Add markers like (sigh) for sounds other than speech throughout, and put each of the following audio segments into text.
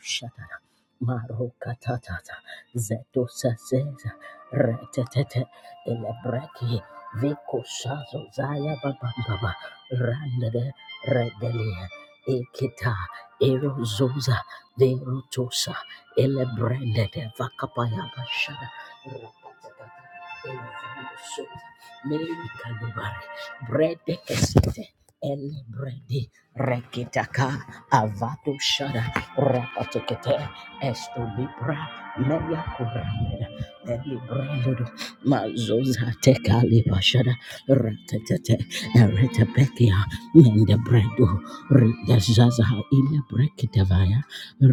Shut Marokatatata Zeto Sazeza Retetete Elebreki Viko Shazo Zaya Babamba Randade Redelia Ekita Erozoza Verotosa Elebrendete Vakapaya Bashada Rapatatata Evandosoza Melikanubare Brede Kesete Elebredi Rekitaka Avado Shada Rapatekete esto libra meya kurameda elibrando mazoza tekali bashada ratatete eretabekia mende brendo rigazaza ile brekitavaya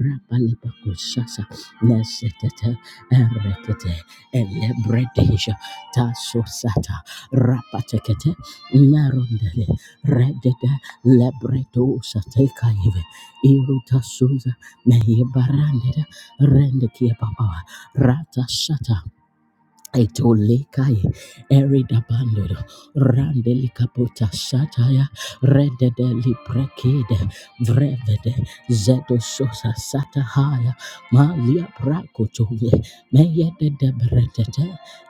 rapalipakusasa nesetete eretete elebredisha tasosata rapatekete merondele redede lebreto satekaive iruta suza Neyebarandera rendekia papa rata shata Etolikai eridabando randeli kaputa sataya rededeli prekide vrevede zedo sosa satahaya malia prakotole meyedede bretete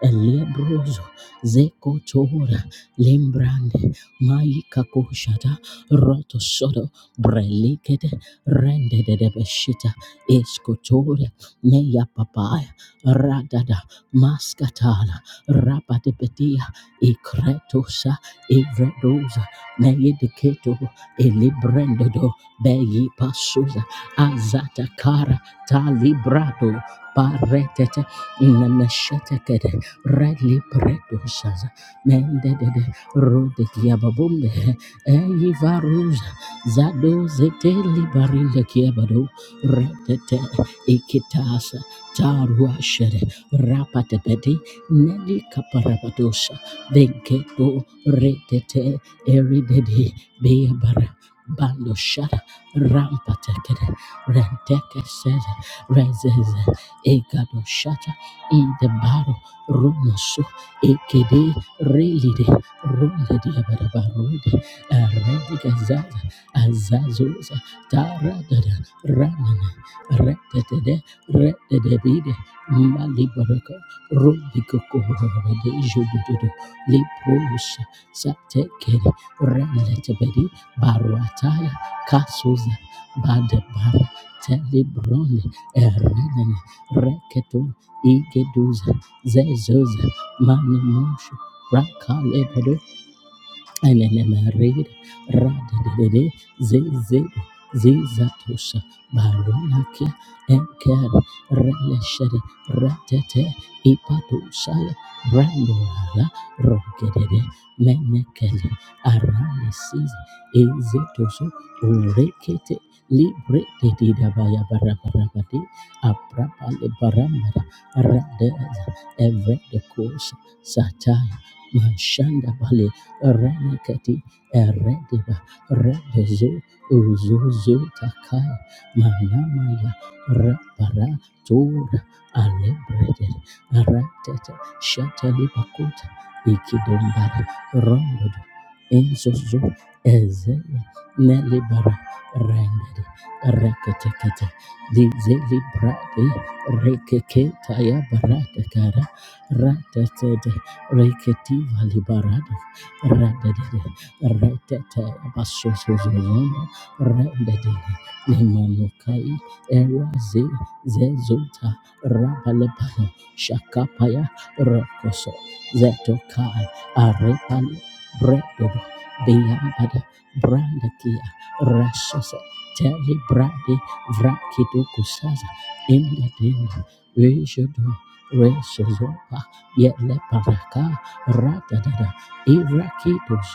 eliebrozo zekotora limbrande maikakoshata rotosodo brelikede rendedede beshita eskotora meya papaya radada Maskatala, Rabadebedia, Ekretosa, Evredosa, Neyedeketo, Elibrendodo, Beyi Pasuza, Azata kara Talibrado, Paretete, Nemeshetekede, Redli Pretosaza, Mendede, rode Rodekiababumbe, Eyivaruza, Zado Zeteli Barinde Kiabado, Retete, Ikitasa, Taruashere rapatepedi neli kaparabadosha venkebo retete eridedi beabara bando shara rampatekede renteke seze rezeze egado shata indebaro rumoso ekede relide rondediabarabarode eredigazaza azazuza taradada ranana retete de Rededebide, Malibaraka Rodiko Kohohorade Jododo Lepros Satekeri Reletebedi Baruataya Kasuza Badabara Telebrone Erenen Reketo Igeduza Zezoza Manimushu Rakalebedo Elelemerid radedede zezed zizatosha barunakia enker releshed ratete ipatoshaya brandorala rogedede menekele aranesiz ezetoso urekete libre dedidabaya barabarabadi aprapale barambara radeza evredekosha sataya mashanda bale Renekati Eredeba Rebezo Uzuzu Takaya Manamaya Rabara Tora Alebrede Ratete Shatalibakuta Ikidombara Rondodo Enzozo Ezeya Nelibara Rendede Reketekete Dizelibrade Rekeketaya Baratakara Ratatede Reketiva Libarada Radadada, Ratata, Basosozozona, Radadada, Nimanukai, Eraze, Zezuta, Rabalepano, Shakapaya, Rokoso, Zetokai, Arepali, Bredodo, Beyambada, Brandakia, Rasosa, Teli Brade, Vrakido Kusaza, Indadena, Rejodo, Resozopa, Yele Paraka, rata dada Irakitos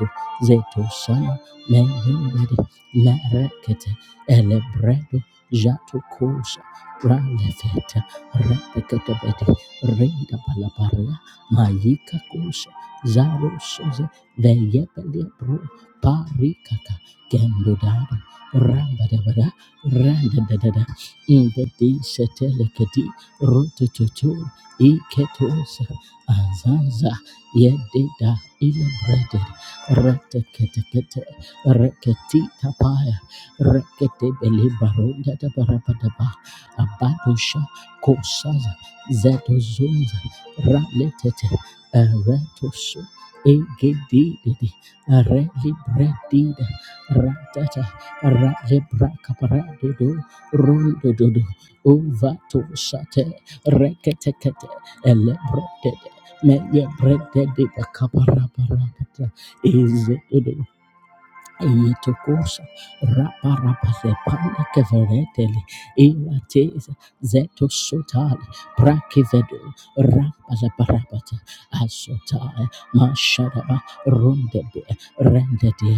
Zetosana Mehimbede Larekete Elebredo jato Jatukosa Pralefeta Repekatebede Reda Palaparia Mayika Kosa Zaro Suze Veyepele Bro Parikaka Gendodada Rambadabada Randadada in the D Setelekati Rotototo Iketosa Azanza yededa Elabrated Ratekete Reketi Tapaya Rekete Belibaronda da Barapadaba Abadusha Kosaza Zetozunza Raletete Eretosu Egedididi Relibredida Ratata Ralebrakaparado Rondododo Ovato Sate Reketekete Mele brete de bakapara para para. Is it Aitokosha raparapazepana keveretele irateza zeto shotali prakivedo rapazaparapata asotaya mashadaba rondebe rendede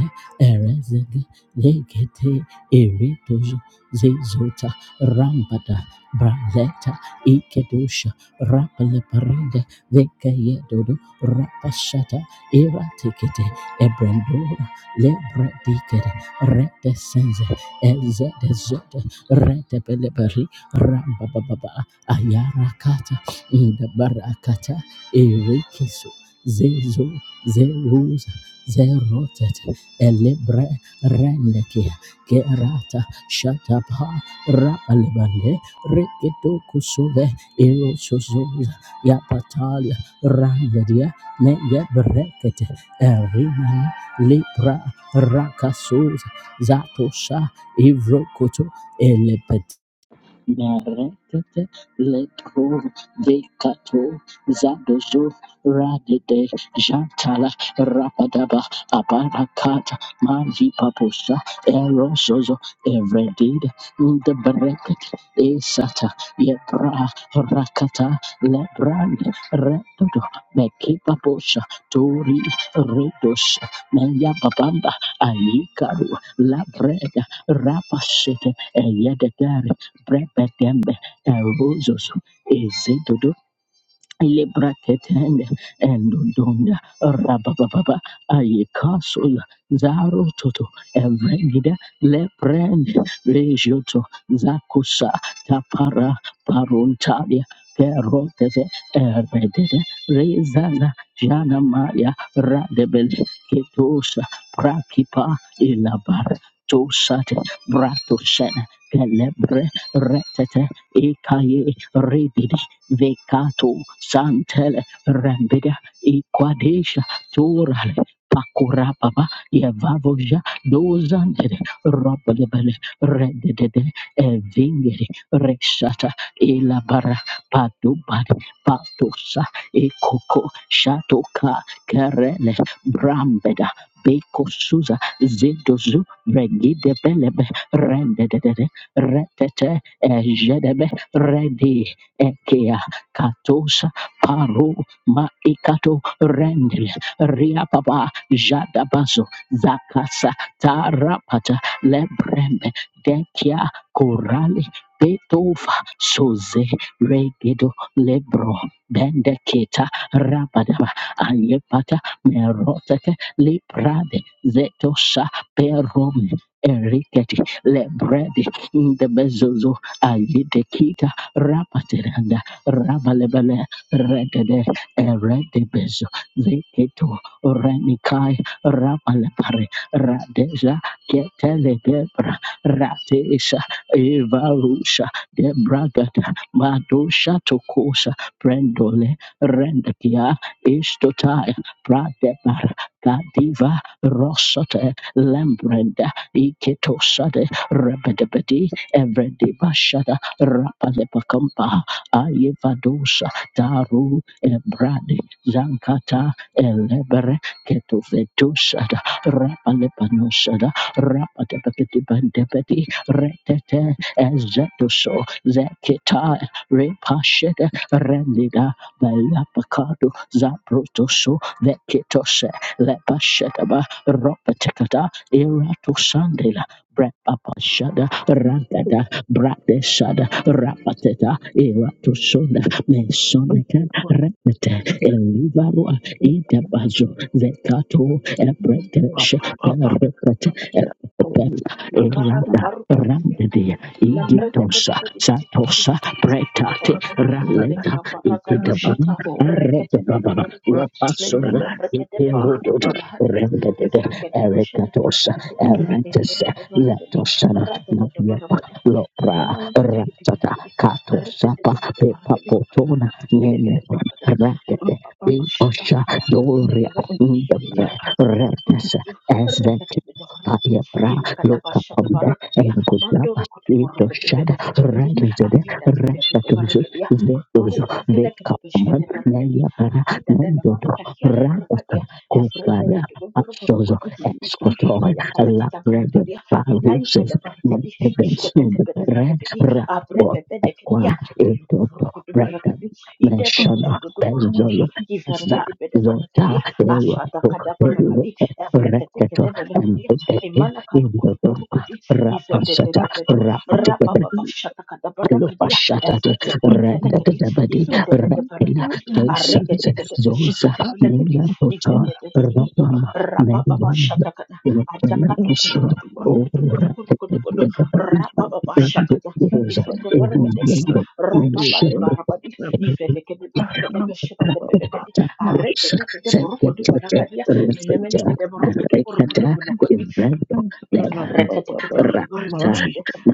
erezede legete eretozo zezota rambada brazeta ikedosha rapaleparinde vekeyedodo rapashata iratekete ebrendora lebre dikede rete senze eze dezete rete peleberi ramba baba ayara kata indabara kata erekeso zezo zeruza zerotet elebre rendekia gerata shatapa rapalebande reketo kusuve erosozoza yapatalia randedia meyeberekete erina libra Rakasus Zatosha Ivrokoto Elepet Narendete leto dekato zadozo radete jantala rapadaba abarakata manji paposa erosozo evredida the breket esata yebra rakata lebrand retodo mekipaposa tori redos meyababamba ayikaru labreda rapasete eyedegare Brepetembe, Tarubozoso, Ezedodo, Lebraketende endodonda rabababa ayekasoya zarototo evregida leprende rejoto zakusa tapara paruntalia perotete eredede rezaza jana maya radebele ketosa prakipa ilabar tosate bratosene Celebre retete ekaye Vekato Santele Rambida Equadesha Torale Pakura Baba Yavavoja Dozandere Robalebele Redede Evingere Reshata Elabara Padubari Patosa Ekoko Shatoka Karele Brambeda Beko Suza Zedozu Regide Belebe Rendedede Retete Ejedebe Redi Ekea katosa paro maikato rendele riapapa jadabazo zakasa tarapata lebrembe dekia korale betova soze regedo lebro bendeketa rabadaba ayepata meroteke liprade zetosa perome eriketi lebrede ndebezozo ayedekita rapateranda Rabalebele, Regede, Eredebezo, Zeketo, Renikai, Rabalepare, Radeja, Ketele Debra, Ratesha, Evarusha, Debragata, Madosha Tokosa, Brendole, Rendakia, Istotai, Pradebar, Kadiva, Rosote, Lembrenda, Iketosade, Rebedebedi, Evredibashada, Rapalepakampa, Ayevadosha Daru Ebrade Zankata Elebere Ketufetoshada Rapalepanosada Rapatapetibandepeti Retete Ezetoso Zekita Repashede Rendida Belapakado Zabrotoso Vekitose Lepashedaba Ropatekata Irato Sandela Brepapashada Thank Bradeshada Rapateta Iratoshonda Mesoneka Repete Elivarua Idabazo Vekato Ebredesh Repete Epem le kara na Irada baru kutu Randedia kubereketi lambre tepe Igitosa tepe tipi tipi tipi Satosa tipi tipi tipi papa Pretate barakadia le Raleta kabara kadu Ikidabana shata rekete bede Aredababa bereketi Wapasona mendele brekete pe kuru kutu Ikirododo bahadia Rendedede evru kete bashata kete Erekatosa beleketi endele Eretesa de bereketi Latosana rata tete Namia barabadi Lopra namana kati kiti Raptata bereketi Kato rete tete Sapa bede Pepa bereketi Potona Yene Elegede barkada, Rakete rababa Be bashada, Osha errekete Doria kebede in the barkedi, bread abigede Redness barukudu, as the errekete bede barkedi, Paya Bra ilakada Loka bashada Pomba barkadiya, and Gudaba mandoro kudu Ito barukudu Shada bede barkedi, Redlizade adida dide bede Rakatuzu barkadiya, Vetuzu akurukudu felekede Vekapaman beshkete barkedi, Naya Para adida dede Nendodro barkadiya de Radatan barkadiya, evrede Kukara dudu duburu Apsozo barukudi, Escotor ikakakaya kata La kata Bread barkadiya, ikayi Paluses kata May barkadi, heaven soon ishekete bede re barkedi, rapport abrete bede at one kediya, a toto alukuburukudu breton barkadi, Ida da do do meshana do do borokoto. bezolo za Kivereketi bede zota verekedia. ewa Ashata to kada ewa berekadi. Evrekete rekato kede and belekedia. Mimana the karukudu korukudu. Ive de de Rapasata, de bedu. Rababa bashata kada berekadia. Alopashatade, Evrekete ketelekedi. Radadadabadi, Ive de de de Rakela, berekedi. Jasons, Arekete kede Zosa, beshekete belekedi. Mia Ive Tota, de de de de de do. Ronama, Rababa Melon, bashata kada. Elekela, Ajakatu Isul, kurukudu O kurukudu kurukudu kurukudu. Radadadabadi, Rababa you. Endo, bashakada. Thank Rosa, Ive de berekete kede. the Rababa de Menshete, barabadi ifedekede barakade beshekede belekedi Tapos, arrekede kede second burukudu chute, barakadia menemene rikuja, kede burukudu burukudu rikada, inverno, lebra, Reketekete rakta, berekete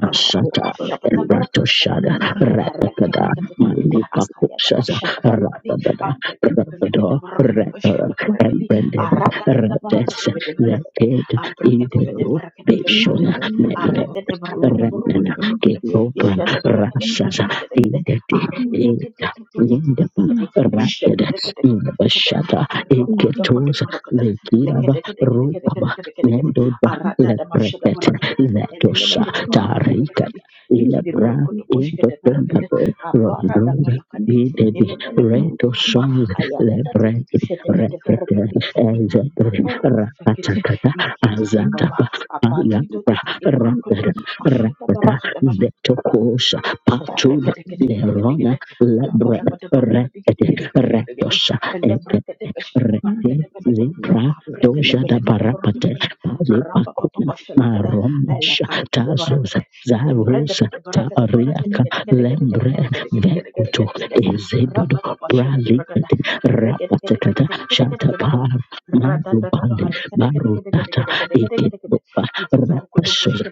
rapapapa şapata barakata ebratoshada, balakati rakakada, reketekete akaya da manipakusaza, başata barakati rakadada, ambrekete belekete rakado, barakata rakada, başkete barakati embranded, arada da rakes, barakati bede barakati lekid, abrekete bede iwedu, barakati berekete Bishona, bele arete de barakati Ratnana burukute burukute Ketopra işe de barakati Rakshasa berekete kete kete Indeti aruntu tu tu Eta tu tu tu Lindapa tu işe Ratada kete kete kete kete kete Bashata arro oda kote Eketosa barakati Lekiraba lekete kete kete kete Rupaba kete kete Nendoda arada da mashada Lepreketa barakada Letosa elemeneke de barakada Tarika belekadi biki de Ilebra you. barakada boshke de barakada Intotombabo apara da Thank Rondoza you. balakadi Bidedi elemene Reto kurukudu ba Songs ayada da ke dudu Lebredi shete pete Rekete barakadi iki Ezeberi kapuru kuvakete Rakatakata iki diki baba Azatapa apati do do Ayapra do do barakada Radara ashada Rapata barakada bala Vetokosha Rabba Patuna Lerona Lebre Rete Retosha Eke Rete libra Doja da Barapate Pali Pakuna Maromasha Tazosa Zarosa Tariaka Lembre Vekoto Ezedodo Bralikete Rapatekata Shatapar Mandubande Barutata Iketupa Rapasos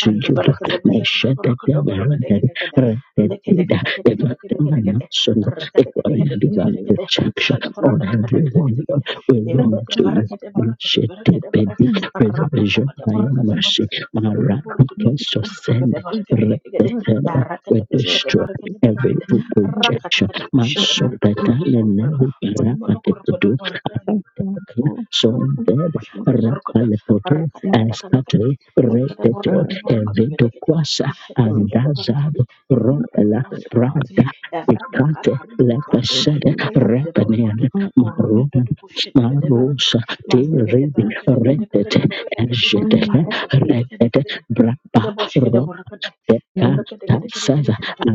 anda the Barakada Lord, I Barakada shut the Barakada devil and Barakada Kada the the Lekada data, Kada Kada Kada Kada Kada Kada Son, the Rakada Kada Kada foreigner Kada divine Kada Kada protection Shada on Barakada Kada Kada everyone. Kada Kada We run Embeda to you. Barakada We Barakada shed the Barakada Barakada baby Rabba preservation Bada by your Barakada mercy. Barakada Barakada Mara, Barakada because to send Kabada Barakada Kada Rapetella, Kada Rakada we Bashkada destroy Barakada every Barakada evil Rakata projection. Kada Man, Bushada so that Barakada I Barakada Monomono never Kurakada so dead Ashkada borokada rapalepoto arkada kada eskate karakadi ilakada retete borokada borokada evedo bedekadi kwasa ishakada kada barakadi andazado the fear of the ropela Lord surrounds me prada evrada Picate kabaru dukuba lepesede ayikele kada repenian borokada korote maruna dodu bushida bede barakadi marusa mande bede tiribi barakada bede retete barakede bede barakada belakadi ejete arakada kada kada retete kada brapa kada boshkada borokada ropeka rakada kada kada kada tasaza kada kada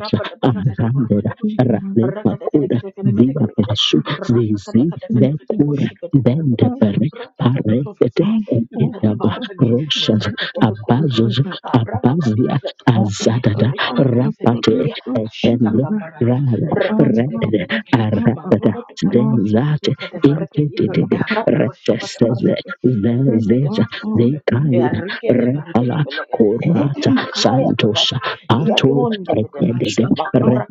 rapada barakada borokada arandera bosh rale rakada kada pakura kada kada kada viva kada kada pasu Thank zizi rakada kada kada kada kada vekura boshida dendepere paretete Ratatatatatata. Itati ekedaba barakadi. rosas Nevrekete bekurakadi. abazos Abra baba di abazia bada barakadi. azadada Mene kurukutu rapate you. velekadi. ekendo Ashataka barada. rale Reketekete redede velekadi. aradada Mangulo tu barukadi. zenzate Mikete barakadi. ikedede Rata pashabata reteseze barakadi. zezeza Endetetetetetetete. dekaida Erikete barakadi repala velekadi. korata (clears throat) Makaya santosa kabada. ato Iadunde bedevar. Ekedede,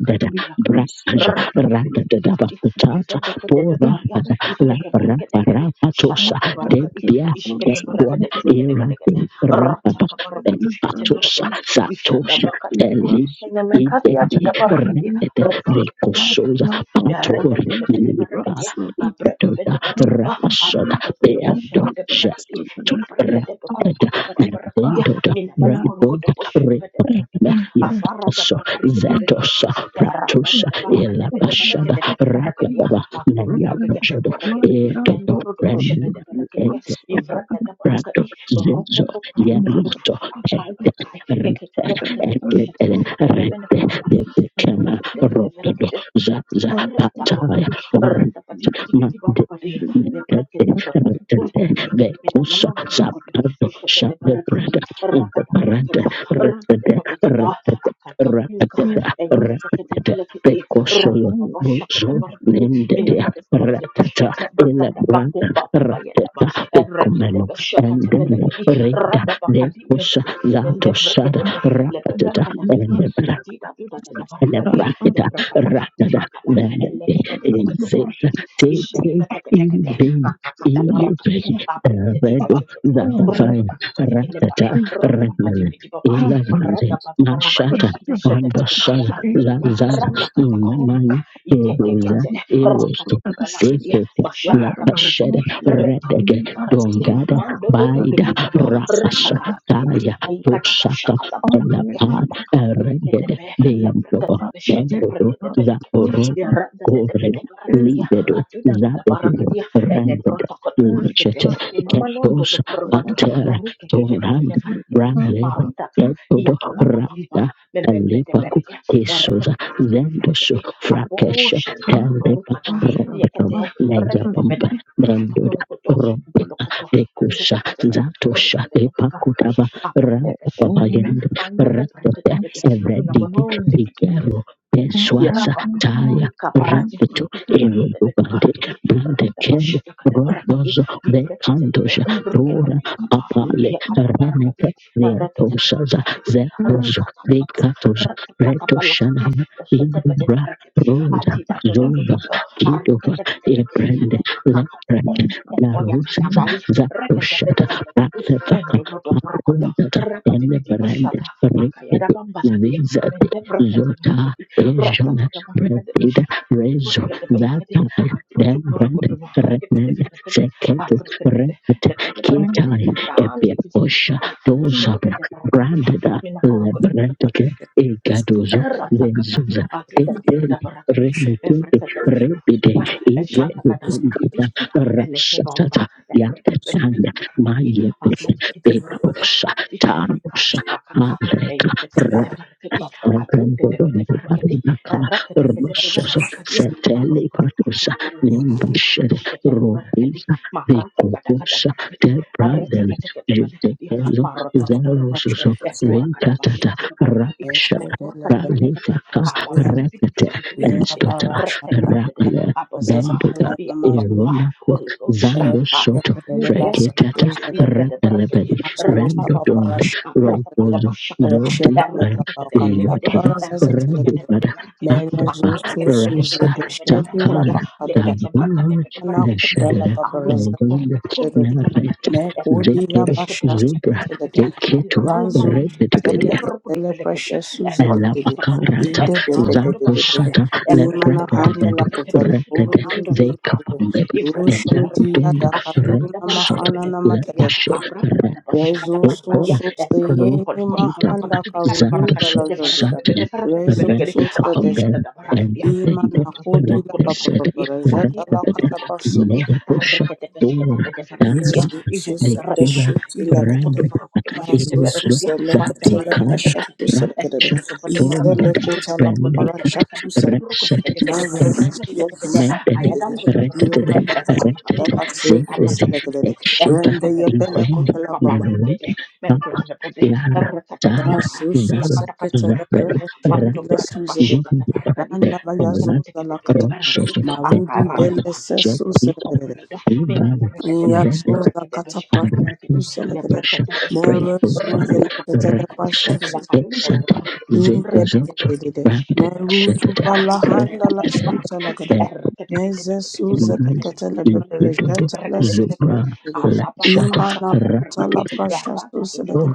redede, balakadi. braja, Rapati piti rendede piti piti. dabakutata Ivedekete pora bekaria. pada la Iskete bakutata, porapata, barakadi. labraparapatosa, Shataka barakadi, debia, ishkete ketwan, barakade, kede, kede, kede, kede, irabin, rapapa, rataka barakadi, ishkete patosa barakade, ishada satosha, bakadi bide, elib, enemekadi yatada idegi, Yeah. barakadi, redede, rekete kete vekosoza, belekedi, yarete patori, tete bede milipa, barakadi, abrete bede Doda, barakaba, rapasoda, aproto toto toto boshe beado, bede barakadi, librete tebe kurkutu bede barakadi, minamana kurkutu boshe bede barakadi, avara da bakari kede belekadi, Zetosha, yarada Pratusha, tete barakade bede Elabashada, barakade bede barakadi, Rakataba, Naya akurakete kete Roshado, belekedi, Edodo, vendoro de bushebe Renan, de berkedia ivrata de Prato, berkedi Zenzo, rokoko kurukudu Yanroto, akai Ete, krakai Rete, keke keke keke de shete Ete, nemene Rete, kurukudu nemene Defekema, kete de Rotodo, Zaza, Ratakabadu, Pataya, Randapati Piti Piti Mande Barabadi, Nikete Lebreketa Retete Kukukulkudu, Vekusa Minamonondo Lukudu, Zapato Ishada de Shade Barakati, Brada Inga Parante Rakadakadakada, Retete Rakadakadakada, Retete Akakakuka, Retete Ayakataka de Retete Milakati, Vekusoyo Rababa Shaka de Buzo Barakati, mina Nindea kade Fuka de Ratata Bushkata, Ila Brakata Baku Brada Papa Payadaba, Rateta and Rakete Vekumeno Bashaka de Endele Milakati, Reda Randapakadim de Vekusa Bede, and the Zato Sada Brekete Ratata Lepembe Lakati, Thank Latida Duda de Barakati, Lebrakita, Lebrakata Rakada, Kakuka. Vendete, Inseta, Eleketeketeketeketekete. Tete, Isheteketeketekete. Ivina, Kakakadabarakabi. Iliveki, Redo, Apretetetetetete. Zabafaya, Rakakakakakelebai. Rakata, Rakana, Randapadibidibabai. Elevrande, Maradapadabarabadi. Mashata, Ambashaza, Isheteketeketeketekete. Zazaza, Rakakatakaunka. Namai, Erosa, Ikekekete. Erosto, Rakatekebalakadia. Sefete, Bashatakabarakadi. Lepasheda, Redege, Retekebetebarakadi. Dongada, Baida, Mandolotututututu. Rapasha, Rakakakakia. Taya, Tosaka, Aikadabashakadabalakadia. Elapa, Regede, Makakunketebe. Deyambo, Lebreketebe. Bengodo, Shketebreketebe Zaporo, ya randa tete Goria, pete barakatia Libedo, atu tata tata Zabedo, barakatia ede Randed, protoko bos boskete Lichete, ina manondo lo Ketos, borogodo Pater, ruke keke tete Torand, le barakati Bramlev, maruta you. ka iya Ketodo, kata I'm babamba Rapta, beben bete Alipaku, beria ya rete Kesuza, tete tete bete barakati Zendosu, apo Frakesh, shata Telipa, rukata iya Ropetum, kete rekete Neyapamba, pede kata Bendoda, borogodo Ropeta, bolokoto nubete Rekusa, pete pete Zatosha, rukete pete barakati Epakutava, aparte pete pete Rampapayend, pande le barakati Retete, pete ina eredike manondi pete digero peswasa Yarabadu, taya Ikaparati, riketo Niketabete erobande Barakati, brande kelo Rantabashakata Barakati, rodozo Viprekete, bekandosha dora Ruketabelakaba, apale Yakata Barakati, reneke reatosaza Reketabelakati, zetozo Ratatata, dekatos Ratakatabalakati, retoshanana Shetabete indubra Barakati, roda Adida zova Dodo, kidova Arketekete, ebrende Lekakako, lepreke larosaza Okoyakatabari, Rekete zatoshata Belakati, batefaka Mendono Barakata, apondata Rapati enebrende Bashata, riketo Akayada Bambalati, Zizat Mende Zota Brakete Ejon Ratatatabarakadesh. Bredid Rezo Zakai Dembrand Redman Seket Reket Kitari Epiaposha Dozabra Brandada Lebrandke Egadozo Ratakaba, Zezuza Adudati Teteli Badabarakati, Remekete Evrekatebela Repide Kurutuba, Ivre Shatakada Pombuda Barakati, Elekebamba, Rasatata Evrekatebedi Yatatanda Barakati, Mayepete Aflatikete Barakatu Petosa Barakati, Tarosa Ikapuka Kaka, Aleka Eyeketebede Barakati, Aduntetebede Rembodondo Barakati, Paribakala Erekateketebele Rosso Barakati, Setele Marukutu Patusa Kurukutu Kurukutu, Limbashed Ishekete Barakati, Robisa Marata Kadakada Vicosa Barakati, De Brandel Erekateketebele Barakati, Jutekezo Marototo Barakati, Zeroso Ekura Rekatata Kadabashata Barakati, Rapashata mekur kata kata kata Ralifaka ala badi bidi Rekete bidi bidi bidi bidi Estota rata kata bidi Rakle apa apa Bendoda iya apa apa Ironako Holy Ghost Zando Soto aruka hindi anda lekai Freketata lebeda berkati Rakalebedi rapa apa apa Randodonda berapa pada Robozo bersyakata Zodi rata kata kata kata Yotuba kata rata kata bidi Rabubada berkati and Mary aku Zuzu kata bidi Suze Rasa de berkati bidi Shedi La berkati ya Takan Bacada lekete berkati Tabunovich bidi berkati bidi Anakuda La Neshadere aruku Babaraza Ebund berkati berkati Telele, berkati Merit ya Mekodi berkati la Zikir berkati Basha berkati Zubra berkati ya Telele, Tikitu nama nama Ranzo nama berkati bidi Tele Repetipedia berkati Tele bede Precious Susan Dede, Erotototokodo, Elabakarata Ida de Bede de Zato Dede, Elekarokotopashakata, Shata Imana Handa la Leprekedebedu Evrekadebrekadebeleketi, Kutala Uru Rekede Imanandoroborokodo, Vekabambeb Meja Rusho Ifrekadebrekedi, Dia Utund da Red Kaduna Shota Mahana Ashatakadabrakadebelebelekedi, Lepasho Namatadegede, Reka Rezo Eko So Abrababadabashakadabarakadi, So Ro Sayeni Dita Mahanda Zando Karudu Balazazada, Shatle Rezo Efrokokokolokotoborokodikidikadabarakadebedebrekadebelekedi, Rente So Kapambel Sadeshede, and Atitadadabarakadi, the Imana Kodi la Rente Papa Sed Papa Itakankokorokodobalakadi, la Rekede Kataparsu Atitadadabadabrakadi, Nevapusha Dora Arrekadebeshkatebedebrekedi, Dari Yezu susa Izetebrekedi, Nekula dashu tila kadada. Rambed Mazu Eroslo susa la katala pasha Ilokorokodoborokotobashkatebrekedi, susa Zatekara la kadada. Rekete berkati, Iza le Tombada, kota la Relicat, parasha susa la kadada. Rexat, Mazu Rent, yezu susa la Mentally, kadada. Rented, Iwe kada Rented, Sacred, susa la Exita, Rende yebele kota Event, la baba. Nenot, Kappa, Yara, Tara, Rasu susa Daran, leprakete ketela Zapper, pere shende la Rapid, susa la Nimbuda, Pet, Randa la Oman, la katala. Rochester, Pet, Marudi Oman, bele se Jet, susa la Peter, Ivan, Yazuza kataprasha suselekede. Rakasha, berkati, rekete Mero Grateful Father, zuzeleketele berkati, Rakasha, prasha suselekede. Exante, Zekozoto, Ingedede. Meru Randakshata, zubala handa la Rakasha, shutelekede. Thankful Meze Nice, suzeleketele Ikudodo, beberejetele Zubra, suselekede. Lakshata, Imana Rakasha, kuta la prasha suselekede.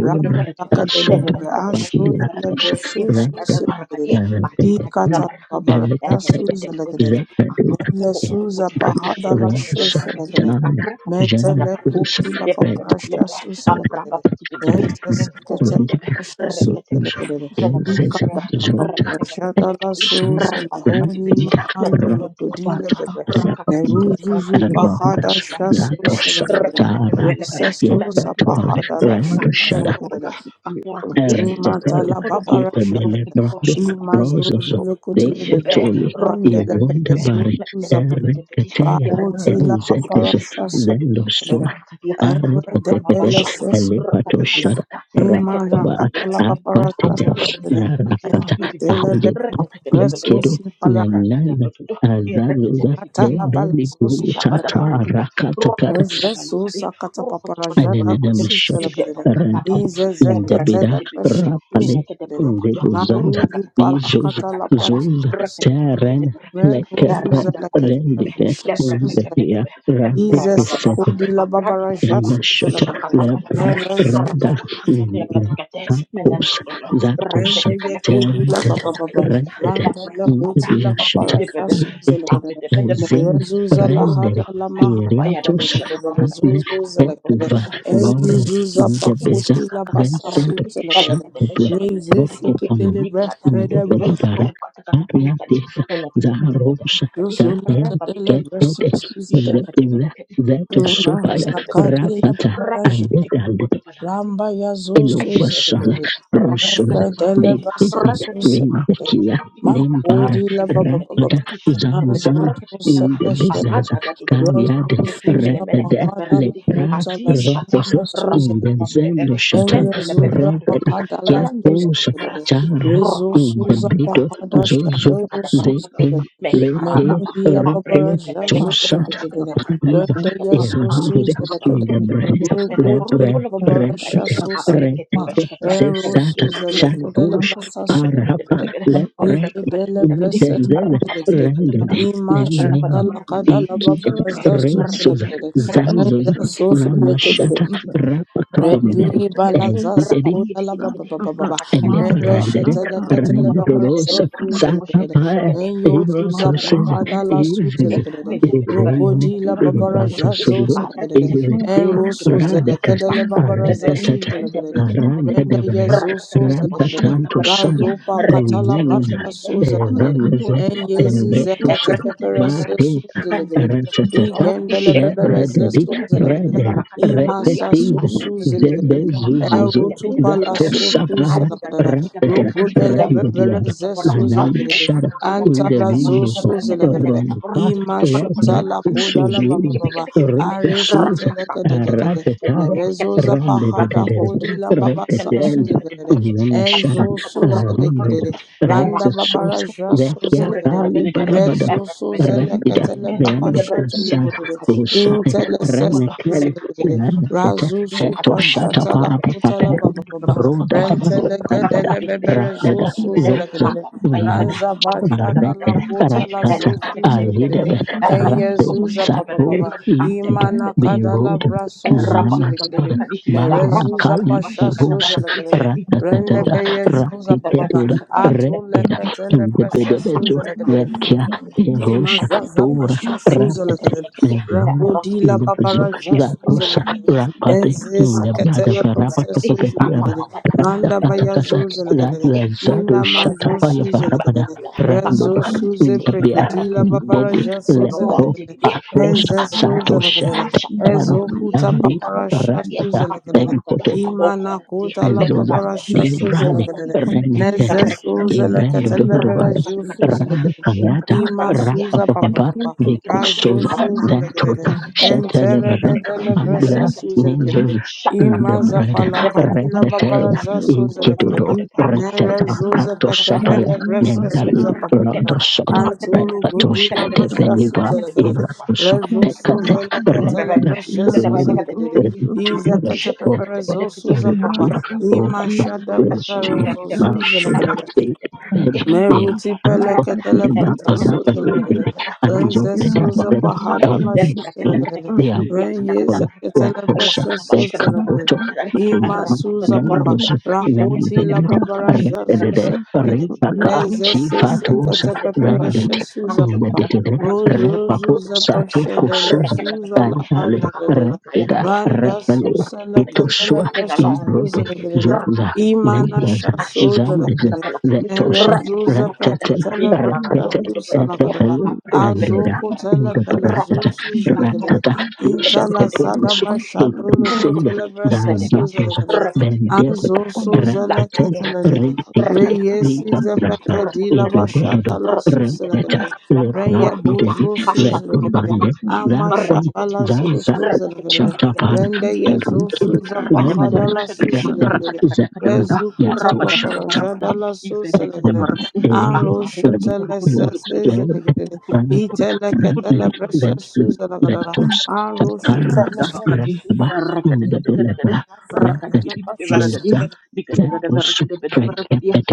Ramba lakadele Dasanta, bebe ashu dele Babulatusha, bresu Rakasha, suselekede. Erekatata, Ikata babaraja Erekatata, suzelekede. Zekadita, Mele suza pahada la Rosa, shoselegere. Tana, Metele Janakusa, kuti la paprasha suselegere. Reza seketele Inkuindebe, pasha reketekete, suselegere. menekatekete, Ikada la reketekete, paprasha da la meneketi, susele. Honi rapapapatibidi, ma ando lo Zatosha, kudile metokontokotokoto, bebe. rakakakikaka, Meruzuzu pahada sha yakatakababambedebe, suselegere. Zaraba, reketebembelebe, Resa susa Yetatual, pahada membembembedebe, la Randoshada, shuselegere. atrapapapada, akurakani, Imata Erentetel, la babarasha da. Yetabele Brando, meneketokotokoto, Imazuzu Rososo, lo kutile bebe. Jepe, Dekotoli, roti Rendele tepe tempe, begezu Ivondabari, mende tempe tempe di, Erenketea, ya Bakuti roti la papa kutu, paparasha mina su kadu kutu Ezetes, kutu baraka dia, Ewe Elevator apra de papa bele pasapa, sesu raka teka teka shut teka, reke teka Imara teka Rababa teka kata la berke di, paparasha Aquated apro su honda, ati Rakata pampi Enkwe di de bidi, le bebe Aldepa reke teka teka Resu teka di, Ikedo si berata Nemleza Azazuza teka teka, palakata la bala Debeli susu Jabada Tata barakada, Rakata rokata Kata kata Eze kata susa kata rokoto koto paparasha and la then bonokoto, kata kata banyak susu shut kali, ya berkata Rand bamba, Ize in the embra zekete kete le Bida pete pete, presha nina susu Rapale kete in the porokoto, Buzanda rokata Maruzu kata basha Bezos kata palakata la kala kata, prasha Zoza susu rakata kete pete Terren berakete, like a Meruzu brand errata zelekete le rended kokumbe, in presha lepra the kete susu Pia belebe, embra Jesus baba Ratikis baba, Kodi la berarti Babara baba baba, Jasu Renashata isha Salakada. kata Lebra balakara, Mara Zuba Rada kata lekate kata Jasu kata Nakos koto, Salakada. Zatos Rende rambete ye belakata, Kodi la Termited ikakaka Bababa. yakata, Rendered Randa ebra la kata, kata, Koti la ya berkata, api Ibiashata Babara de pete, Jasu Ipete Salakada. api de Mara pete Nazen Zuza la Eburukutu, Hada Rendered la Mahada Alikabaya da Kuda Iriatos la Bashada Bebele Barakati, Ale Zuzu Salakada. Etuva Apropopatiba, Eyu Voro Apripipiti, Zuza Ndebeza Pakoti la Kakakata Vensat Basasu Barakati, Salakada. Elekata Shatebra Bashada Reze Barakati, Sekitele Rokopanoma Diprata Brefredeba. Tutudu, Ndebedebara Rukata Barakati, Ariatis Elekata Zaharos Barakati, Zuzula Tapel Rapati Kadele Biti Bresa Ketete Barukutu, Suzada. Ishakata Ndebeza Belakati, and the Zeto Nina Brakata Sakadi Barakati, la Rakata Rapati and Babara Biti Vedal Barukutu Lamba yazo Isha Eloquashala, kudu suzegede. Broshos, Rekadele basa Bekiti, suzegede. Rebekia, Nembara, Makodi la baba baba barakati Rapada, baba. isha kata bete Azo Zanzana, barakati melaka suzele Indebizaz, shedede. arada datu datu Kayad, Rezo barakati mele suza mele Repede, kata pahada la barakati Lepra, kota la ati sana shata Rotos, rata masuzegede. Indezendo kabambelele Shata, Enye nende le bete zurra Robeda, barakati pakada la rande de bete Kiapos, suzlegere. barakati Chara, Rezo rakata suza kolokata rakata kata Aishabedebede, rakatakatabrakadi, ratatutabarakudubadakadi, dakarukudubarakadi, ishakatabedebarakadabalaka, aradadadudubadabarakudi, minemeneketabarakadi, adishata, ratakabambelele, nendelebedebarakadi, randedebedebarakadi, rakatakalokoda, Indebito, pakada Zozo, shadoro rakatakatakabarakada, Zekin, suzlegere. Rete, mekaradaba, Mekodi la babara Rete, jazo abrekatebelekede, Chosat, zedegere. Iva, Rende shikatabrakadabarakadi, yazo Erandede, suzlegere. Thank arutakabadibambebede, Indebrede, you. Rokodi la Lebre, Mahara babara benakurudubalakudubara- Repete, shaso apret Rete selegere. ketebas kece, Ero mereka sesata kisu kutu kutu kutu suzlegere. le kutu shatush basa kutu pede pede parapa pede suzlegere. pede, mereka Reke leprete pede dele pede pede pede, brese indezeve rafata suzlegere. kata kata rendede kata, Ima si kata shuta pada nenene la pada, kada la si ikija babara kece zazo raf resoza kece zedegere. raf kece kece zazoza Enza kece, sofe raf kece legere. kece namashata kece kece, raf kata kata rapakapambeba Rendi balaza sakuda la ba ba ba ba ba ba. kata Enre kata, Liberandere, shetele raf pada ketele pada pada, babara si kece raf kece pede zo pede, Rendorosa, raf kutu suze kutu lekedede. kece kece, Sakapaya, Enyo raf zuza kata kata kata kata, raf pada pada Evratosis, pada, si kece pede pahada la suze Evis, lekedede. pede pede Lokodi Evain, pede, la raf kutu kutu babara jazo Evratosundo, lekedede. kece kece, raf kata kata kata kata, raf pada pada pada, si kece pede pede pede pede, Evite, raf Enro kutu suze Radakas, lekedele kutu babara kece kece za Aritata, suze and the lekedede. brekete Aranda bedekete Rende Devara, yezo rakata suze kata Thank lekedede. bashakata Ratatanto banakati San, Razo pakata la rekete kete Menina, basha kete suze lekedede. akaka kura Evenese, kata Enye banakati zize Evetus, kete efrekete pepere bede se berekete Bateta, suze and the lekedede. kete kete kete Ratata, Igendele ishekete bebere kete ze bede Lebradadi, suze berekete bede Brede, barakata banakati Imasa Repetid, atu sosu kete kete zelegede. kete Zebezuzuzu, abrite Erutu bede bede pala Dato berekete sosu sapana, azida kata salakadada. bede Rakata, berekete Rokbodele ekete bebele Randidian, kete zesu barakata Manam zelegede. Shara, ekaka kaya in kaya the Antara kaya bashkete views of zosu berekete bede zelegede. kata Rompa, barakata kata kata Les kata Imashuta la barakati kete koda Recusus, la kete kete baba kete baba. kete kete kete Areshi Recusus, rakata telekadede. Rakata, Merezo kata zapahada Randididid, kodi Rakankokum, la baba sasu Rekatel, zelegede. Namelakadebedebrakit, Nam Shara, Enzo su Randid, Ashakataburkutuburkut, zelegede. Randa babara Recusus, Darakatakurkut, jasu Vekia zelegede. Kali Urekadebedekade, Barabada, Rezo su Ebrakabedebrakit, Rapida, zeleketele papa Leandro shatu Endebedebrakit, Kusas, Usai, intercesses Akatukushkutukulukurukutu, Renekali, Bekatiakakakaka, Renekata, razu Seto supa Shata shata la Iyakatambambambebe, kota la Parapapa, baba baba Roda Endetunduburkutu, da bande rentele brandada gedele Urukakakadibidibid, bebere zo radeda su Ebebebede, zoza zelekedele nene Apapabayabada, ranza ba arete shada la kota Antidabedebrakati, la karakata su su zelekedele Elekekekekekekekeke, aidebe enye rate zuza baba sapo Erokotokoboshketebedekedi, baba ikidu imana Andeberekedi, kada la beroda bra so su zelekedele namastoda Rabakatabalakadi, mere baru zuza akali pasha su purus Rabababadabashakatabarakadi, zelekedele rende ratatatada Ikukukurukudu, beye zuza baba baba ratikeduda Atitatabarakadi, atu redida you. leketele Yoktebrokadi, prese su Thank Akakaka, indebedebezu zelekedele vekia Enantiri, erosha Imazaza tora Andendekebe, pasha suza ratete lakadere. Deketeketebelegedi, melona Rakodila Rokatakatu, indebezu babaraja suza zatosa lakadere. Shketebedeberekedi, you. rapate Eze indebrada sakatela prasa Deketeketebrokotepashketeberekedi, suza parapakotopetiaba lakadere. Apapapatapa, Randa baya Katakasa zuza la lakadere. Reketeketebelegedi, Lazado Ina mazo Shatapa Aidabadabarakadi, suza Yabarabada lakadere. Bakabla, Rezo Randoba suze Apadondikedi, Intabia prekedila Reketekababa, Nidede babaraja suza Lepro lakadere. Tebelondikedi, Atos Eze suza Deketeketeberekedi, Satosha lakadere. Ezo Ero Ashatabarakadi, kuta Eri paparasha Likababarakadia, suza Rabada lakadere. ababarakada, Benkoto Imana okondi, kuta la Ezoza, paparasha lekabambembe, suza Livrale, lakadere. lemekombedebede, Neze Renekete, suza reketeketekete, Ivendo lakatele Dondovaya, babaraja suza rakatakatakata, Rabbi lakadere. Kayata, Ima shakatakatabalakadia, Rapa Susa Papa Papa, Papa leketeketekete, Razo Nikusoza, Susa Legere orakakapa, Dentota, Shetelebere, reketeketekete, Enteregadele Bresa Babia, Susa reketekete, Legere Nezos, in the Ima shakatabalakadia, bread, Zapala Kadila Retete, lebrababadebarakedia, Babaraza Susa Iketudo, Legere ababadabadebarakedia, Reteta, Nere Zuza Prato Sapaya, lekakakakakalakata, Pekadele Bresa Nendali, Susa Papa lebrababadebarakedia, lebrababadebarakedia, Rondo Papa Soto, lebrababadebarakedia, Anturu lebrababadebarakedia, Repatos, Godula Basha Teveniva, Susa lebrababadebarakedia, Legere lebrababadebarakedia, Iratus, Rezo Thank Pekate, Susa lebrababadebarakedia, you. Lecatele lebrababadebarakedia, Renda, Bresa de la Susa vaina Omeri, que te Legere expliqué. Iza الشبكة كتب Catapeperezo نفسي Susa Papa Together, أبرد كتب Oh, Ima ركض Shada when she God Bataro of الشبكة Trinity, كتب كتب Susa Mashada, Legade أبرد Faith, كتب Ben, ركض Bea, Meruti أبابا Anko, بربا pelekatele Nea, أبرد كتب Araba, prestesuza lagadele. كتب Rodele, برا and أبرد Jobede, the Rezesuza بركض بركض Bell pahada la of أبرد shuta كتب lagadele. كتب Sound, يقطع كتب Kolo, Reyeza ركض ketele Rakosha, لقطة باش prestesuza كتب ركض lagadele. Ekapoto, من غير Ima Marima, الركض suza papa. بركض Nandosa, إذا كتب Rakoti la كتب Nandegere, ركض babara باش كتب ركض Redede, jazuza lagadele. إذا كتب Ripaka, ركض بلكت Rezesis كتب Chifatosa, ekete كتب كتب ركض pepereshe Rendete, suza أنت papa. كتب Redede, كتب ركض Repapo, Rojozuza أبابا بركض Sato, peshede le Kosuza, ركض suza la Dantale, كتب handa dadele. يقطع Rededa, كتب Randa Rapale, suza Ishkatabrakatabelakati, lekatele Itosua, Benalon, Irodo, prestesuza Dibidi, lagadele. Zuza, Imana Rakatakatabelakati, Negaza, shasuza Zambiz, lagadele. Ashkatabrakatabalakati, Vetosha, Merezuza Rasakatabrakata, Retete, pekatele Inanana brasha Retete, susa Kurkutabelakati, lagadada. Etepelu, Rendura, Azoko Apretapetabarakati, tele pele zusu zilegadede. Indabrata, Rapatabashkatabarakati, Ishate Intala sada Rakatakatakatakati, pusu brasha Nika dolo episinda Kurkutu, kotele brasha Ifedekati, susa razatos lagadede. bendel Anzo Rakatakatabarakati, susa Lato ratete lekatele Kurkutu, dede. reteke Reye rika size Rakatakatabelakati, prasta pekadila Rakatakati, basha idodododo dala susa Rakatakati, retete lagadede. Reye Kakurakata, lepratideri buzo susa lagadede. retobande Ashkatakatabalakati, Ama zakwan shabala zazak zusu zilegadede. Rakatakati, chatapan Rende yezu arikid susa lembres pahadala Rabadabadabarakadi, susa reten lagadede. zekon rakadakadakadakada, Rezukuta yatosh papara rabadabadabarabada, jada so I'm selegere ifedekadabarakadi, anro scared. shotele sese akarukudukurukudukurukudukudu, zelegere I'm itele ketele rukudukurukudukurukudukurukudukurukudu, breshe scared. su zelegere Lectors, anro Takayab, shotele Radabakadi, Rakaba, the Rakadakadakadakada, Deliverer, Racket, ketele Rakadikidibidibaragadih, Gazette, that that was Dikadabadabaragadabadabaragadia, Frekapet,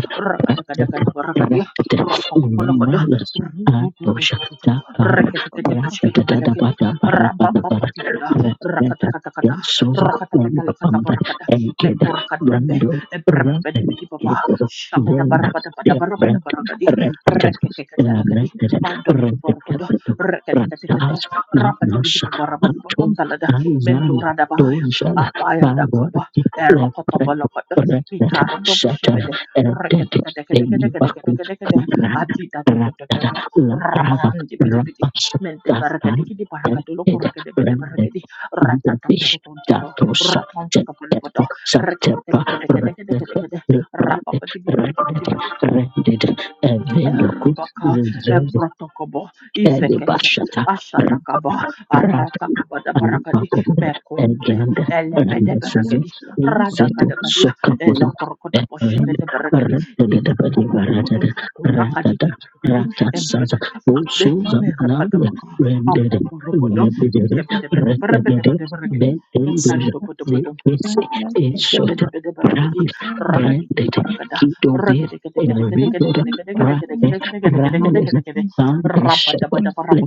Racket, Rakadakadakadabaragadih, Racket, Rakakakalakoda, Umbrellas, Adosha, Rududududududu, Takar, Rakadakadabashkadabalakadi, Rakatatatabatabarapatabar, Rabapapadibada, Racket, Get Rakatakatakata, Sosa, Lambda, Rakatakatalakatabarakada, and Kid, Mekurkadimbe, Rando, Racket, Eprepepedibidibaba, Kid, Rapa Shabadabarabadabarabadabaragadi, Thank Rekekekatalakadi, Mandododoborokodo, Rekadakadakada, Rabadi bidi baba rabadi babam balada. Mendura da baya. Abaya da kaba. Erokoto bolokoto. Mikaro dobu shebede. Reketeketeketeketeketeketekete. Adida dododododo. Rabandi bidi bidi. Mente barakadi kidi barakadolo kurakede bede rapa, barakadi. Davish Ratatatototontoto. Datosa Ratonta Jeto kapalobodo. Satepa Redet Reketeketeketeketeketekete. Librade Rapapati bidi bidi bidi Redet bidi. Redet Evendoku Erabaka, Reserve Eprotokobo, Ivekete, Elibashata, Ashatakaba, Rapi, Aratakaba da and Barakadi, Papoda, Mekombe, Elganda, Elebe and de the Sese, Barakadi, Seto, Radakadakadia, Sokapoto, Elekoroko da Red, Boshebe de Barakadi, Ratada, Ikokorokodo, Ratada, Kurakadi Ratada, de Barakadi, Rata Saza, Emprekata. O Susan, Alan, Nerakadabaka, Rended, Aboborobodo, Nebidere, Nkebedebede Berebede Retagade, Bendendus, the Berebede, Kese, Esota, Jebedebedebedebedi, Brand, Branded, rakadikidibarakada, Kidove, River, Rate, rakedegedegedegedegedegedegedegedegedegedegedegede, foundation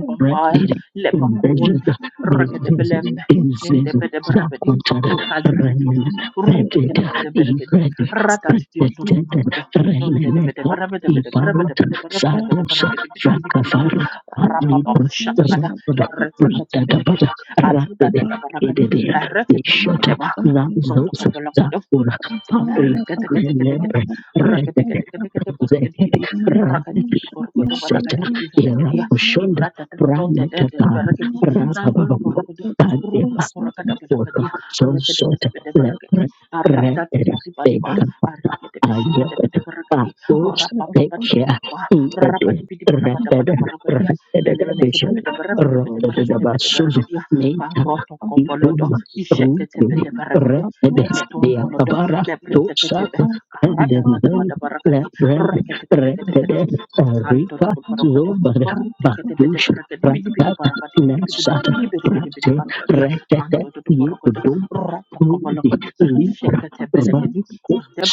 you. Thank you. imbejeza lebakunda, bezizi rakedebelembe, izizwe nindebedeberebedi, zakuthana ikadudududu, renene bedeka rudekedekedeberegedi, ibrede predetende ratatidududududu, reneneka ibaruta sakusa nondedebedeberebedebedeberebedebedeberebedeberegedibidibidibidi, zakafara alibra rabababashatakada, rodo radadabada ereteketebelekedi, radede adudadadabarakadi, kededea beshota ereteketebedeba. Ang protocol zazosa pala ko daw. zakura pari Rakadi nelebre redede ezekete redede Era Bushunda Brahma Takab Water, so sort of leopard, red, big, I get it. Ah, oops, take care. Eat it, rapid, rapid, bishop, Thank rapid, basus, nata, itum, rooted, rapid, the akabara, to sap, Lebreteketebe, and then karadadadabadabarakadi, leopard, reketeketeketekete, red, Rika, nkantototobarokodo, Zobad, Badush, ruteketebedebrakedi, Rakata, bidibidibarakwadi, Nasata, bidibidibidibidibidibidibidibidibanagadya, Prate, ये mantototoborokodo, petrol pump दिख rotokobolokodi, रही रहा है isheketebelekedi,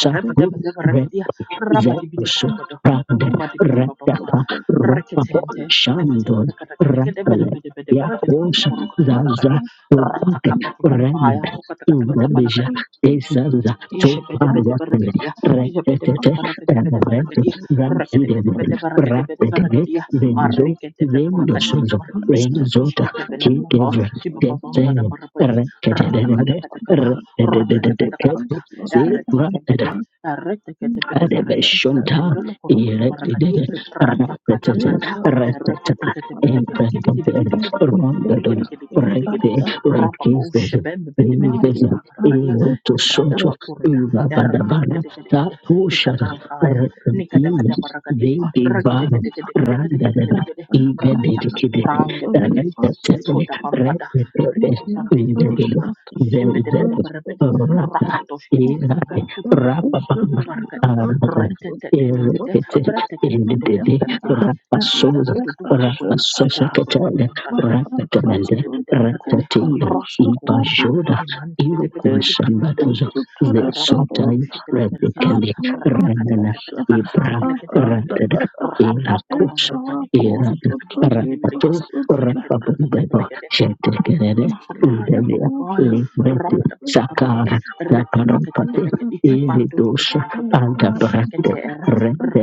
साथ में Zeus, rabadibidiborokodo, Pranded, rubadibidibabamba, Retaka, Ropapo, reketente, Shandon, Rapale, Yakos, neketeketekerekedekedeberebedebedeberekedekediborokodobalakadya, Zaza, Topake, Renard, ratakapapabambaya, Indabija, rukatakatakatabalagadya, Ezaza, Ish bede bede Toparwatan, barek dia, ish bede bede Retete, barek dia and bede barek Rete, dia, barek dek de Ramhidewen, bede barek dek bede barek Rapete, dia, Zenzo, arrek dek de bede arrek Thank dek bede Zendosozo, arrek dia, nish Renzota, ketebenan di bawah Kikever, di bawah bawah pada Tete, parapodi, rata kata Rekete, kata kata, Rekete, rata kata kata kata Rekete, kata, errek dek Rekete, bede, errek dek de bede barek dia, Rebeshunta, mendolok rokoku barek Erected, dia, rata kata Ratatata, kata, Ratata, errek dek de bede barek dia, gede gede Emprended, gede gede gede gede gede Rondadon, gede gede gede gede gede gede gede, Rete, rupak oh ish Rekised, bede bede bede bede Is bede barek dia Eroto ifrada Soto, bakurda Ubabadabana, erkedegedegedegede Tatushara, nikakankaya Redim, nikadakadabarakadi Baby Vana, Randadana, regedegedegedegedegedegede even dedicated, ratakakurang debelegedi Ratatata, eskoda pampada Repeted, ripapapampidipidipapa Indeded, Zenzet, ishebedebedeberebede you. Rata, Thank rakatoshkete Erate, Rapapa. rukutukurkutubulukuvarkadi Arabadare, retetetetetete Erekete, Indede, reteketeketebedeberegedi dati Rapasoza, datu dudu burukudu Rapasoseketele, kurungpapapampalada Rakatamende, bedebedeberegede Ratatinda, Ipajoda, Mimante pete pete pete pete pete pete Irukusambadozo, pete. the Sotai, Rapapapaushakete pereketi. Redekele, Renana, Ratakatakatakatakarakati Ibram, kelekete pereketi. Ratada, Erakos, Rampapaparapani piti piti Erada, piti piti piti piti piti piti. Rapato, Sikete brekete Rapabumbebo, perekete. Shetekere, Udelia, Radapapapaya, Libreti, Rapadapaparagadi, Sakara, Taparapate, Recatecatabelacadi, Pando to the Eridos, Borocodo, Alda Brande, Kishekatera,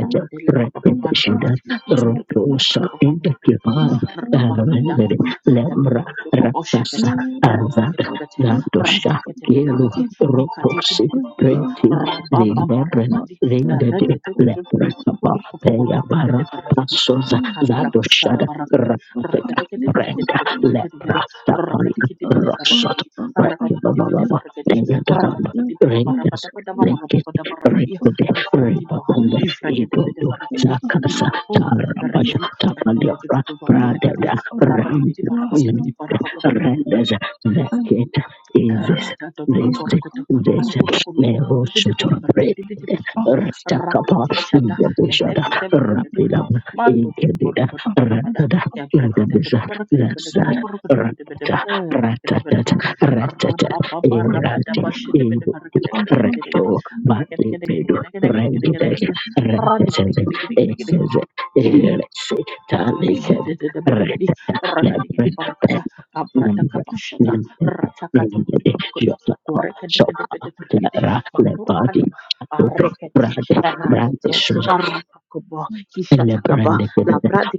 you. Last Repete Capabandipidi, Shidas, Mando and to the Rotosa, Borotopamagadi, Intakibad, Rabaka Alvendere, Dabaka, Lembra, Eborodo Rapasa, Coboshicate, Alvada, Ratacatecate, Gatosha, Gelu, Rantecatabelacati, Nicati, Rotosi, Preti, Rababa Zilebre, Rabadi, Lindede, Lepra, Rededo, Urkut Paya Borkut Bara, Bedebergadi, La Pasoza, Carla Bashada Zadoshada, Baragadi, Rapateka, Brenda, Lepra, rakati Taparia, Rosot, rakadikidibete Rekibaba, farakadi Paya Doranda, rakadikidibete barabadabada Rentas, barabadabada barakadi Rekede difratiba Rebabombe ifrakedebete Idodo farakadi Zakasa dikakurukutu Tarapasha farakadi Tapaliora andadetututu babdelebadi Pradeda Rendez rabadibidi barabadibidi awesome barabadabada and Vekit Isis This awesome Ra-da-da-da-da-ba-ra-ka-da, This ba-ra-ka-da-ka-da-ka-ra-ka-da, Neroshoto Rekede bidi-bidi-ba-ra-ka-di-bidi-bidi-bidi, Retakapa rapati-shata, Indabishada edekete-ba-ra-ka-di-bidi, Thank mando-do-do-ba-ra-ba-da-ba-ra-ba-da, Rapida Ikedida Ratada kebrekete-bede-ba-ra-ka-da-bede-ba-ra-ka-da-bede-ba-ra-ka-da-bede-ba-ra-ka-di, Indabisa Zasar Rapata Ratata Ratata Erati Idu ra-ba-ba-ba-ra-ba-da-ba-shede-bede-ba-ra-ka-da-gede-gede-gede-gede, Reto Maki pedu rengiteke ra-ka-da-gede-gede-gede-gede-gede-gede, reteseze ra-di-gidi-gidi-gidi-gidi-gidi. eseze erese taliked Ajadadadabadagadi, reteta lebre rakadigidi pen parakata, abrata nembre kapashata, nembre nembre ratakatukutukutukutu, jotako korekadekadekadekadekade, soptera lebadi makurekadaba, Dudu, arekete, brade, arakete, brande, arokakobo, kishatakaba, Lebranded,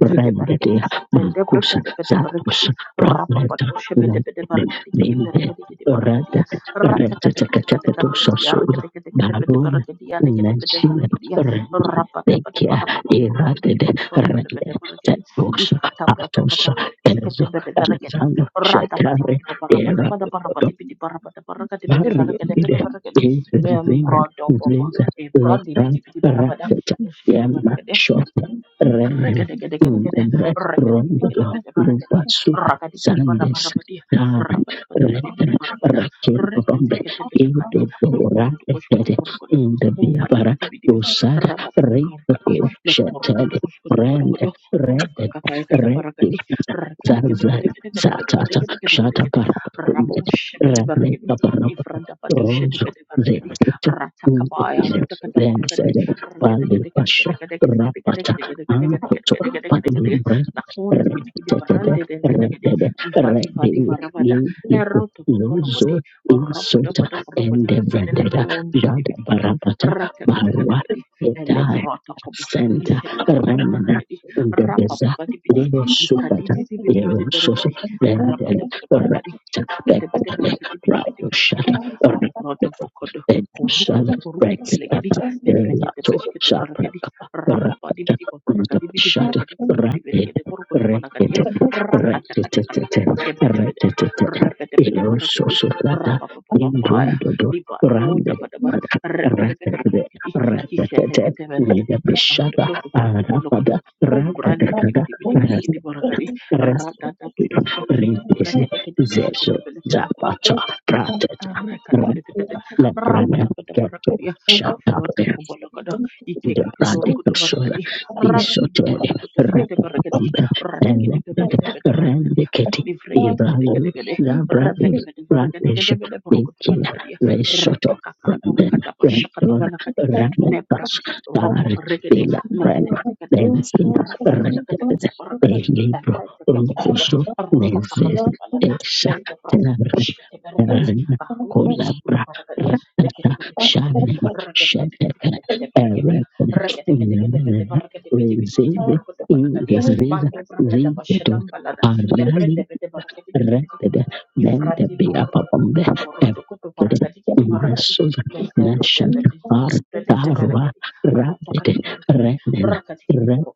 branded, Marcus, Zatus, nendebrekadebadebadagadi, Branded, Named, rapapadoshebedebedebadagadikidibadagadikidibadagadia, Rented, Rented, Catatus, ratakadekadekadekadekadekadiya, Sud, Baron, rakadekadekadekadekadekadekadiya, Nancy, lekadebedebadagadia, Rendi, Bekia, Eraded, Rende, rapatapadaparapapampakadibidipapapambelebedebadagadi, Tatus, Iskata brata Atos, kata Ishkata Bratakata, Ishkete Ezo, Bedeveragadi, Alexander, Randa Shetari, Patipiti Parapata Erad. Parapatipiti Parapataparakati Bedeveragadi Variegide Bedeveragadi, is Zinger, Membrodo Bobo, Ziza, a Brondi Lekran, Piti Piti Parapata, Rakic, Yamma, Ishkete Shota, Remen, Rekedegedegedegede, Undebre, Rondodo, rekedegedegedegede, barakadi, Lupa, Suta, rakadikidi, Sandes, barabarabadi, Damen, rabadabadabadibidi, Rekan, barabada, Rekin, Rombe, reketeketebelekadi, Edo, Bora, Ekede, lukurutukushkutuburukudu, Undebiabara, humbatabadibidi, Usada, rabadabakarukadi, Ripako, Shetele, Rend, lekurukutukushkutubulukudu, Red, rukakakayakada, Red, barakadi, Zazana, Satata, Shata, reketeketeketeketeketeketeketeketekede, parapakunde, rabushebede, Rale barakadi, kaparapa Rozo ifradabadushedebedebarakadi, zeketo ratakabaya, ntepize rutakatabarakadi, lenzere Lafun pali pasha rapata ankoto pali brenda kiti kiti retetede barande dende legede redede ifati redi fati faravada yegego eroto lozo koporobodi oropodo isota podo porobodi ende nene vendeda kuondi pidi jada pidi kidi barabata rata kata kata barwa kadi edai elevroto kobo senta kishe kete kete renena barakadi rapa ndebeza papa di pidi yero likadi sukata pidi pidi yero pidi soso barakadi rapa de lendeli pada barakadi shkete pete Bekwale barakadi pidi pidi Rapo pidi kidi Shada aprodo kokodo kurukutu Shada kurukutu Brekitana Nevrekete Elato peshkete perakedi. Shapraka Rababa di bidi Rapata paparakadi bidi Shada verakedi kiti bidi Rapid belekede porukoto Rekit panakadi ya. Rakata kata Rekit kata. Kepete pete. Rekit Repete pete Eloso perakedi. Sufrata Rababa papa ya. Imbrondo Liba tu Rande dapa dapa. Repete pete Ratate perakedi. Kisete Ratate kete perakedi. Indabishada Andolo tu porukoto polokodo. Arapada Kumbra di bidi bidi bidi bidi Ratate kiti parakadi. Rata tatu tatu tatu. you. Ripisi, Frekete kete Zesu, peshkete Zapata, Thank Prateta, Arrekatekete, Leprene, Keto, rapatapatabrakadi, Shatape, afrotokobalakada, the brandy kasura ikekeketorokotobazakadi, the sotel rapa ratikidiborokotopusketebarakadi, kapambe and that ratikidibereketebetebarakadi, randy keti ibrazu nifreketeketekede, the brandy brandish the king revetevetevereketeketebeteborokotobakadi, resoto branden rendor retakakakurakatapashakatabalakadi, ramekas lebradi, tar de roborekete, la prima leketeketekede, bentin rented ratakatakatakatabrakadi, del libro reteketekede, rundoso meses rasakapabambalada, esa terra mendebrakadibishketebarakadi, terra Kahru, kubu-kubu di colabra masyarakat dia, ratata deket-deket, deket-deket, deket-deket, shanem masyarakat deket-deket, Shedek, deket-deket, masyarakat dia, Resist masyarakat deket-deket, deket-deket, masyarakat in deket-deket, Rezive deket-deket, masyarakat dia, ingesiza mandor masyarakat apa zigeto syadham balada, debreng ariali deket-deket, masyarakat deket-deket, rented deket-deket, then the ifradi be up borotoko, upon the borotoko di get masyarakat deket-deket, masyarakat dia, Nasus les deket-deket, Nashat deket-deket, Par deket-deket, masyarakat Tarwa dia, rukat Radit deket-deket, masyarakat Renden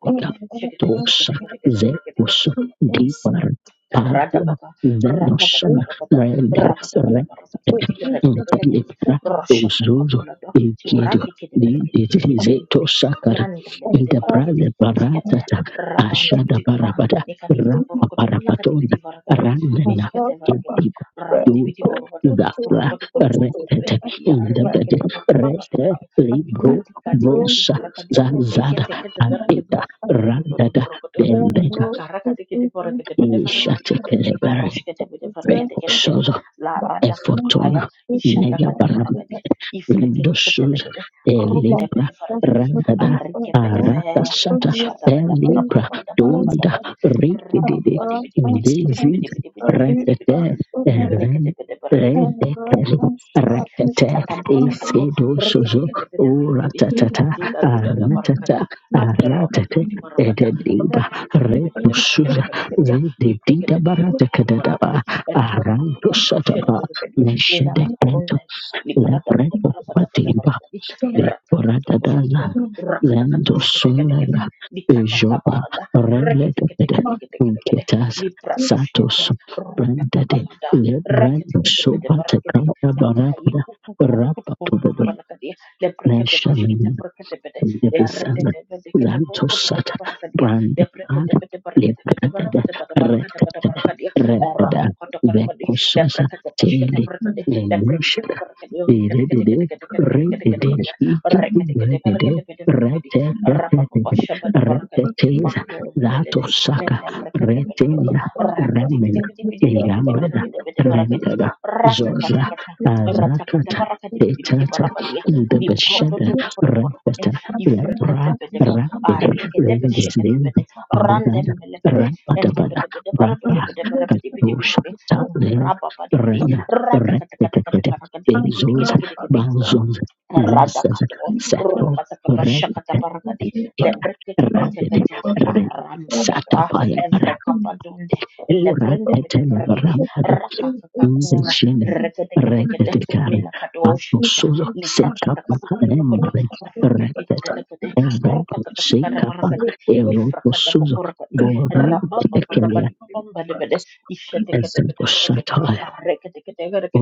dia, masyarakat Tosa you. deket-deket, masyarakat dia. Zekus Thank Dipar Pagua Radabaka, Zenoson Radabadabarabada, Rend Rendet Rabadabadabarabadibidiberegedebelekedi, Intelipra Uzuzu Roshatokobolado, Ikidu Didizito Suratikidiberegedigedigedigedi, Sakara Nandelebedevaregedi, Intebrale Shikete, Baratata Ashada Rabandibidibaba, Barabada Rapa Parapaton Nikadikidiborokotobolagadibidivaragadhi, Randana Mishketevaregedi, Kediba Yuda Rabadibidiborobado, Zafra Retete Urokotokotokorokotobelekedia, Indabede Rete Arekedekedikorokotobaragadhi, Libro Brosa Ikadikadikadibarakadi, Zazada Teketekedeberekedu, Adeta Randada Nandulodoborokodo, ki Dembeda kakara kate kete pore kete pete fara kete ya Ishatekelebere ikarosh kete pete fara kete kete kete Recosozo la rada kapaya Efotona ishata kada Nega bara you. kadi ifre kete kete le Lindosus kete runde Thank Elibra pete fara kete radada arike pete fe Arakasata ashata kada bara Elibra bada bada bara bada Donda bada rapa Rikididi pati piti piti piti piti Diziz piti piti piti piti piti piti Rakete ini mene kete Eren pete fara kete Redekeri Rakete Sikata Marakado, Isidosuzo Reketekete Marakedi, Uratata Adita Duda Aratata Marakada, Apre Baba Aratate Dibidi Marapada, Edediba Reketekete Marakade Retusuza Melegadia, Zedidida Librikete Marakudu Baratakadaba Marakadi, Repa di Dibushe de Arandosataba Belegadi, Nina Neshedekant Mahorundela, Librata Bada Marapada Bada Lepretopatimba Marakadi, Rakakato Vicoradadaza Kushkito, you. Rakatakato Zendo Shketekete, Sundaya Nikata Vijoda Kabarada, Reletapede Reketekete, Unkitas Libratoshkete, Satos Ruta Brandade Kabalada, Lebrando Reketekete Marakadi, Sopatakata Nakai Barapada kuku kuru kutu kuru kutu Rapatubedo balakadia. Leprekete peshkete Nation prekete pete. Nebusana Erretete pete kete puru kutu Zantosat pete barakadia. Brandigan Leprekete pete barakete pete Libranded barapate pata barakate kadia Rected barakadia. Redda Errato koto koto kodi. Vecosasa Leprekete peshkete Tele prekete. Leprekete pete Nenushada barakadia. Kete kete Dedede kete kete kete kete kete Redede kete kete. Hiketu Rekete kete bara Redede kete pete barakadi. Retete Rapapapa Thank shabada you. barakadi. Retetes Makumbelede. Zatosaka Menda brekete belakadi. Retenda Rapa di piti Remena piti kete piti piti Neyambada piti piti Rendada piti Zoza piti rakata Azakata rakati piti piti Tetata parapadia ni proto Ndabashada toto poto poto kune let ifrekete ra pete ra it arikete pete rain this shekete day pete and that randem mele pete ra bada ente bada pete pete brapa parapete pete parapete piti katosh piti tablev rapa pati piti ren rakata kata kata kata kata Ariketepeteketepete. Randemelepete. Entepetepeteparapetepetepetepetepetepetepete. Rapapatipiti. retetetet bezos Ratakatakatakatakarakatikitikitikitikiti. bazons nesses Radakato, seto Red Rukatakabarakati, and it ratet Lebrekete, red Rambadaba, satapaya para Evrekabadonde, Kura Lebrende etele Pedebrekete, barambade inde Rakakakura, jenem rete Rekedekede, de carne panto Minakadoshkita, suzo seca Lifrakatakapunto Lokoto, emare rete Rukikelekede, evredo seca pan Rukatakabarakati, eroto suzo Lifrakatabakurakati, boro Rababa pekelia Parabadi Babamba Debede, Ishetekete esento Pedebrekete, shatai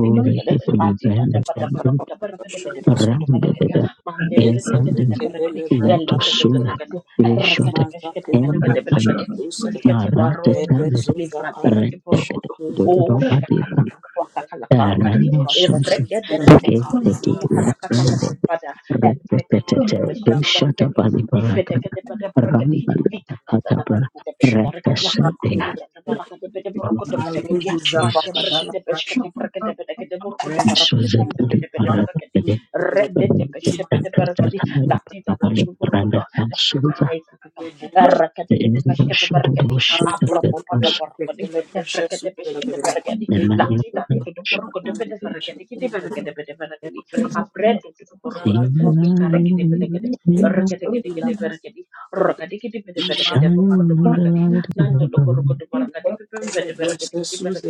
ore pepe Anti da livrende da ba da ba ra ba da ba ra ka de be de ba ra ko de rambe ba la ka de de. de Man de bre de de be de evandes ba ra ka de. Ele veto ke de ke de suza ke reshote embe marate tembe rete de de Rhinoceros gave Thank the Iya ka ta left ka ta ba hand ba ba da. Evre ke de represented ke de be the she ke de be ra ka de. Shatabani Barakada, Rambalabakatabra, Rakasede, represent Mante Jesus, brekete peshkete brekete pedekete burkutu parapapum de Suzabali pede pede bereketi. Barakade, Rendete peshepete bereketi. Rakatatamaya Latita Paramaya tatu burkutu. the Suza, Lakakai kakakai. the pada bereketi. Efrekete peshkete bereketi. Nemanja Latita titu tu Pandić, burkutu pede bereketi. Kiti berekete pede Sina, Sina, you. Shine in Thank the light of your glory.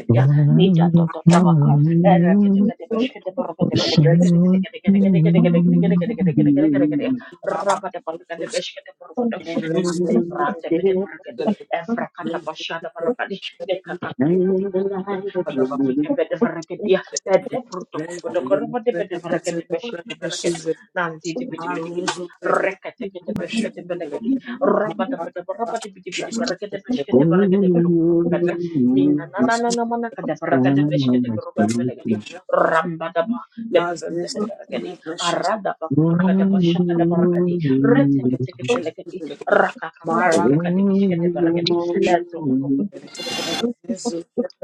Lord, I Nida to will to to cry, oh, baka. Era kete kete besh kete boro kete bele kete sing kete kete your kete kete kete kete kete name. kete kete kete kete kete kete kete kete. Raba te boro kete besh kete boro kete. I will Nande brande sit kete in the boro kete. Evra kata basha da boro kete. Deka kakuru kutu kuru light kutu. of your Diki moon. kike bede boro kete ya. Ede boro to kubo do koro bede bede boro kete besh kete boro kete. Nandi di bidi bidi kete. Rekete kete besh kete bele kete. Raba da bede boro kete bidi bidi boro kete besh kete boro Only kete bele you kete. Minna na na na na mana kada I rakada know beshkete my rokodo spirit belegadi now. ramba daba lebebembe leberegadi arada bakur kada Only bashaka da you barakadi reteke teke telekadi rakaka kwaka rakada beshkete beregadi know eto me.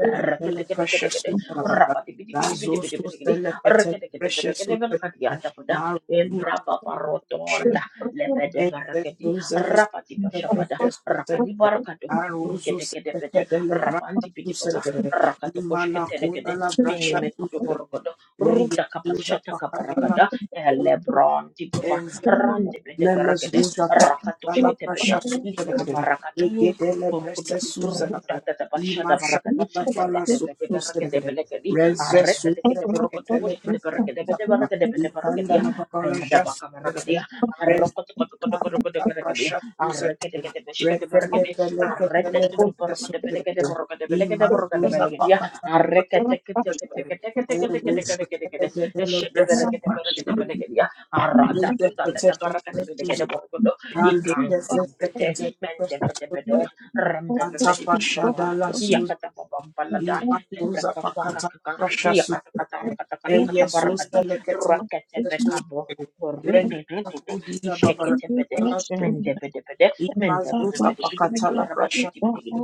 Rakatekete, rapatipitipitipitipitipitipiti, rakatekete-pete-kete-pete-kadianta pada, embrapaparotonda, lebedeverekedi, rapatipashapada, rakadibarakado, rukete-kete-pete, rapantipitipapa, rakatokoshkete-lekede, minemekutuvorokodo, rutakapashatakaparakada, elebrantipapa, randepete-perekede, rakatoshkete-pede, likavarakado, you. Thank Arada tu tata da baraka de bede gede borokodo ikan kumpede mende bede bede Randa bebe di papa, iya kata Rambabababababa. Yakatabababalada. Lebreka kwakakaka. Yakatakatarakatakanakantabarakadi. Rakatebekabo. Oribibibidi. Isheketebede. Mendebedebede. Mendebedebedebedebede.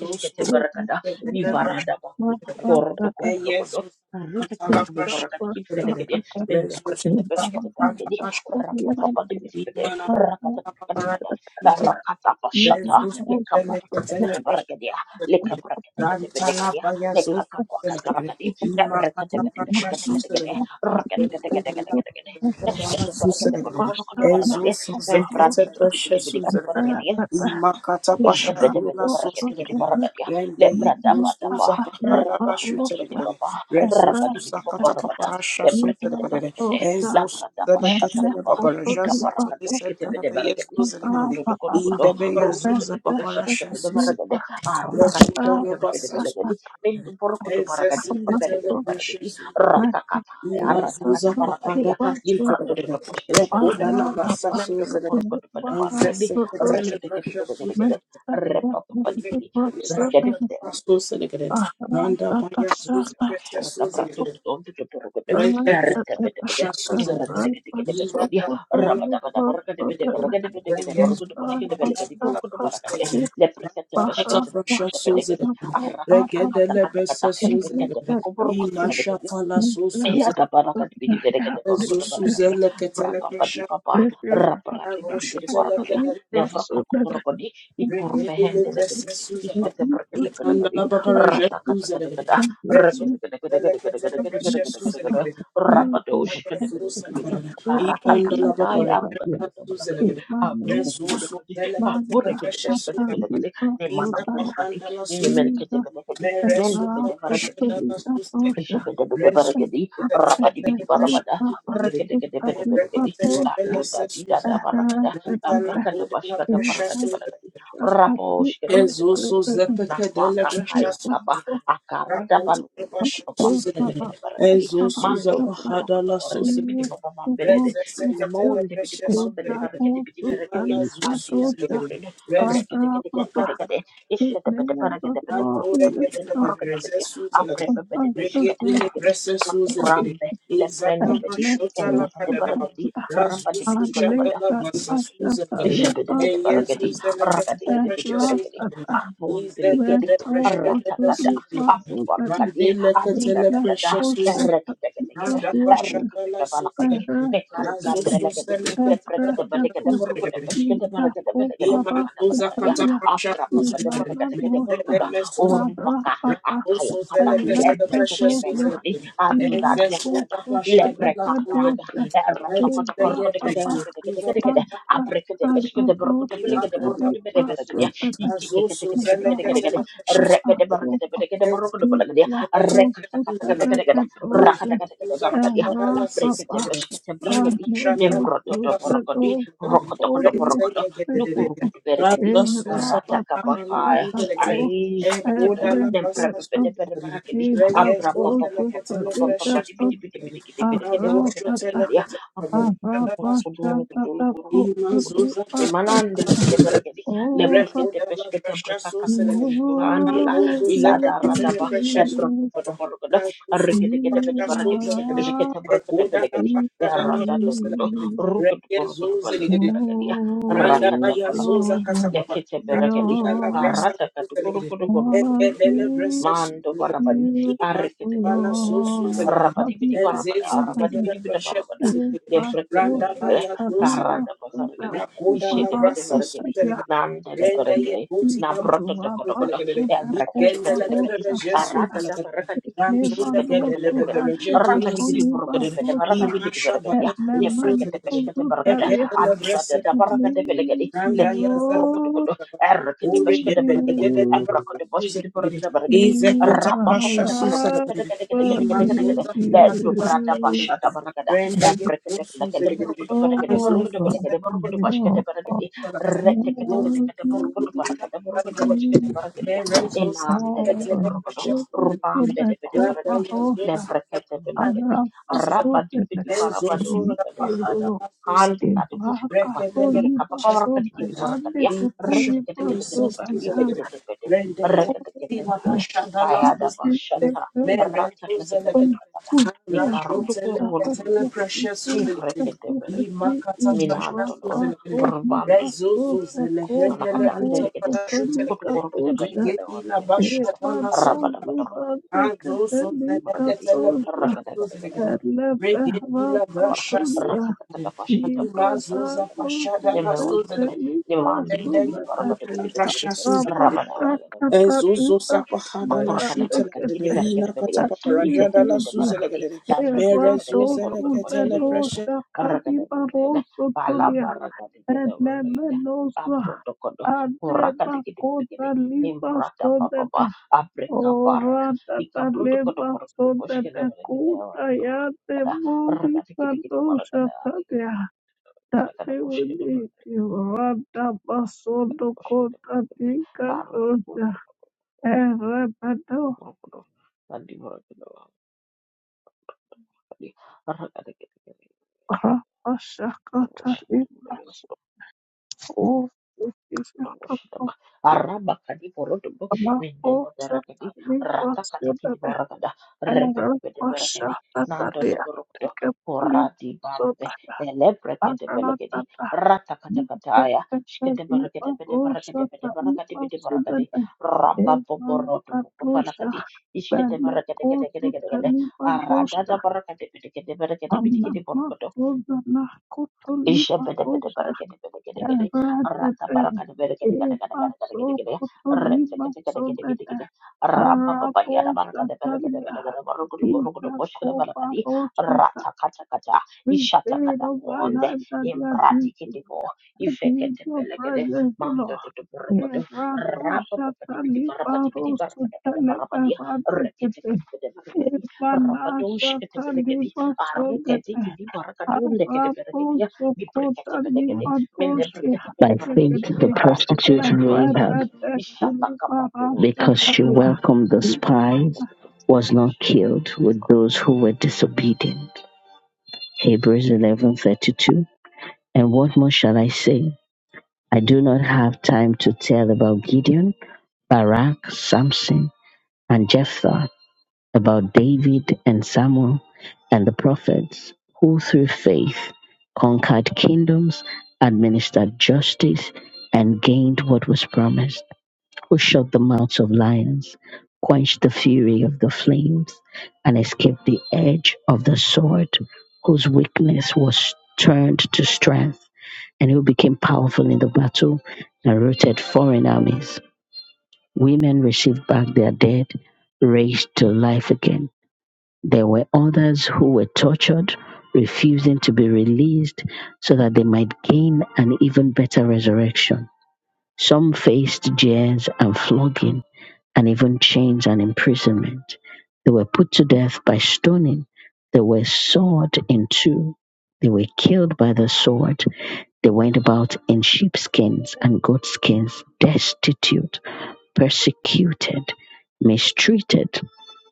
Eskete barakada, mivarada baku, korodo you. kubologodo, rinde Thank you. torokube barakada, kifelekede, ende brekete beskete barakedi, rakapapa di bidibide, rakata barakada kada, rakata bashata, leka barakada bede barakedia, leka brakete kete belekedia, leka kakwa kakarakadi, rakete kete kete breshe kete su kete kete, zelegere rakete kete kete kete kete kete, eskete barakede Susanagana, bologodo kodo Ezo barakade, Suzakata emprati titi Pasha bidibide kede Susanagana, barakede, Imakata Rata Pasha Dula Susanagana, Renda Yezo Suza Pahada Shutanagana, Rezo Susakata Paparasha Susanagana, Ezo Suzanakatana Babaraja Satuni Setana Beyezo Zanagana, in Bahasa the Beyazuza Paparasha kata ya, rata kata barakadi. Mendo lo korko de pada barang jadi, reke deke deke deke deke Re-pa-pa-pa-di-bi-di. Ra-ka-di-bi-di. Ka-ta-pra-tu-tu-tu-tu-tu-ru-ku-tu. Ra-ka-di-bi-di-bi-di. Ra-ka-di-bi-di-bi-di-bi-di. Thank Iya, ada baraka di bidi bidi kede baruku de baraka dia. Berapa padi papa raparate bidi bidi baraka dia. Nevra koko koroko di ikur fehende leke di. Iskete berke kede leke di. Rata kata kede kede. Reke kede kede kede kede kede kede kede kede kede kede. Rapa dosh kede kede kede kede. Kara kata kata ya aru kata kata belaka di. Apa buku belaka di. Ah, boleh kede bes kede kede kede. Ni mana kuru kede. Ni merke kede kede kede. Nende kede kede kede. Isya beda beda barang kedi, rapih bedi barang pada, rekede bede bede barang kedi. Nah you. itu tadi data barang I'm ada, nah of mereka dapat segala barang di barang kedi. Rapih sih kede bede barang kedi. Nah kakak kaya kah akar dapat. Papan bede bede barang kedi. Mandor buruk itu rekede bedi papa ambel deh. Ina mau rekede bedi papa ambel farrekede bedi farrekede. Aji jatuh jatuh rekede bede bede bede bede bede. Isya Thank bede bede barang kede bede baru kudo bede bede baru kede bede. Africa Bedebe Shikatabedigidi, Makaburambe, Lebrende Bedi, Ende Bedebarakadi, Rabadi Bedi Jebedebedebedebedebedi, rakadikedebedebedebedi, you. where ampumbilikidi, thou ratakada, constantly muscle that afubarkadi, in la adidadadada, osha the erekedekedekede, water, the erekedekebalakadi, terra of the nekarikambelekedi, terra that of the taco para leprekedebedekedeburukedebeshkedeberekedebedekedeburukedebelekedi, italia in la osha aprapapadeberekedekedeburukuda, ara urubaka, papa akayakata, and la dosa ebrekedebelekedi, in la adudadiadada, osha that the lebrekakaada, dosa in la papa erotokodokorkodekedekedekedekede, masa abrekete and beskete the dosa borokete belekete that the borokete bede bede bede rasso that the iki kete kete kete kete kete kete rekete borokete Abraham, bede kete borokete bede kete rekete kete kete kete kete Wakutalakatosha Arapapa Anedosuladosaporia Erapapashatako Etleketokidaposutalikato Arapata Arapashatatako Imalande Adipasutaya legede beregedi Ova lebrekete peshkete brekakaturu shlandila Lord, ilada radaba ebrotu berbarugada regede gede bede beregedi you ishkete brekete Never know so hard to come back, belegedi eranda dodo and rukudu rukudu belegedi rakata balakadi lekete beregedi karata katu kurukudu kurukudu kurukudu mando barabani arekete gede belegedi rabadi bidi barabada rabadi bidi bidi debrekende vergere karada basargadi ishete pete vergedi nante de vergei na proto to kodo kodo evreke keke chende kedi arata da vergedi never ishete kete know kete kete kete raka digi di buruko to kede veraka di bidi vergedi ya debrekende so peshkete vergede hard anti da da da need vergede velegedi you leki kukuruko to kodo erkete need peshkete vergedi ebroko you to boshkete vergede vergedi in rabba my kopata vergede life. kete kete kete I kete kete kete kete need le dobra da you. basha da Oh, but you know, I need you are able so make over Rosa. Arapasote, you in Rakato Libaso, Diane Kepuli Baso, Diane. Kaya ada basyata Rata kata kata kata kata. Ni karundu kuru wulu wulu kudu Kifrekete belende minantolo rubambe dibidi bidi wana kadande lekete kutu korokete bende gede wara gede gede rabada bada bada bada gede rakete gede gede wara gede para rakete gede pashkete brakete bende gede nemme wonde be nimandi bidi bidi bara bada bidi bidi gede rabada wara gede Rabashakata Nita makurakata barakati Bayandekete gidi berekede belegede iddete bede Activity barakedi afrekete belegede Eradosu borokede boşkede belegede Venosha arrakede belegede Kadibaroso ala Tolia barakati gidi belegede Elemenosa abro dokodo kurakati gidi belegede Ademakota Liba nimbrata bababa Sodene abreka barada Orata dikabro dokodo Taleba borokede boşkede Sodene belegede Kuta Yate kada Movi arrakati gidi gidi barakada Kadosha belegede Tadia kada Tadi we boşkede need belegede you Rada kada Basodo boşkede Kota belegede Tika karu tukuru Dosha tukuru Erebedo tukuru tukuru Kadi arrakati kiti Krapashakata daboshita Liba mulayala Oh, if you have daboshita ma to araba kadi poro dubu mindela berakadi rata kati kidi borakada rebe bebe berakadi nando loborukudo porati bambe ele brekete belakadi rata kata kataya shikete berakete bede berakete bede berakadi bede berakadi raba poporo dubu kofala kadi ishkete berakete kete kete kete kete arada da berakete bede kete berakete bede kete borukudo İşe beda beda Thank bara gede beda gede We paid of gede. our lives Rata bara gede beda gede gede gede gede gede gede gede. Rete gede gede gede gede gede. Rabba baba yara bara gede beda gede beda gede. Bara gudu gudu gudu boş gede bara gede. Rata kaça kaça. İşata kata bonde. that they are Imbradi deep gede bo. İfe in gede your beda gede. presence, O Mando Lord. dudu bara gudu. Erato Rabba baba di bidi shatali bara bidi baro bidi bara bidi bidi sutele bara bidi. berante Rete kete. gede gede gede gede. Evana Rabba doğuş gede beda shatali gede. baso Arı gede gede bara gede. Leke de beda gede. Araposokota Bibrekete belegede. Mende libatoshi brekete bede By faith, beregede. hatekete the Rapa papa prostitute di bidi bidi Rahab gidi. erepete Ishata kapadunda. kulibarasha because she talia. welcomed the Dipadunda. spies, Rekete bede. was not killed with those who were disobedient. Hebrews 11:32. And what more shall I say? I do not have time to tell about Gideon, Barak, Samson, and Jephthah, about David and Samuel and the prophets who through faith conquered kingdoms, administered justice, and gained what was promised. Who shut the mouths of lions, quenched the fury of the flames, and escaped the edge of the sword, whose weakness was turned to strength, and who became powerful in the battle and routed foreign armies. Women received back their dead, raised to life again. There were others who were tortured, refusing to be released so that they might gain an even better resurrection. Some faced jeers and flogging and even chains and imprisonment. They were put to death by stoning. They were sawed in two. They were killed by the sword. They went about in sheepskins and goatskins, destitute, persecuted, mistreated.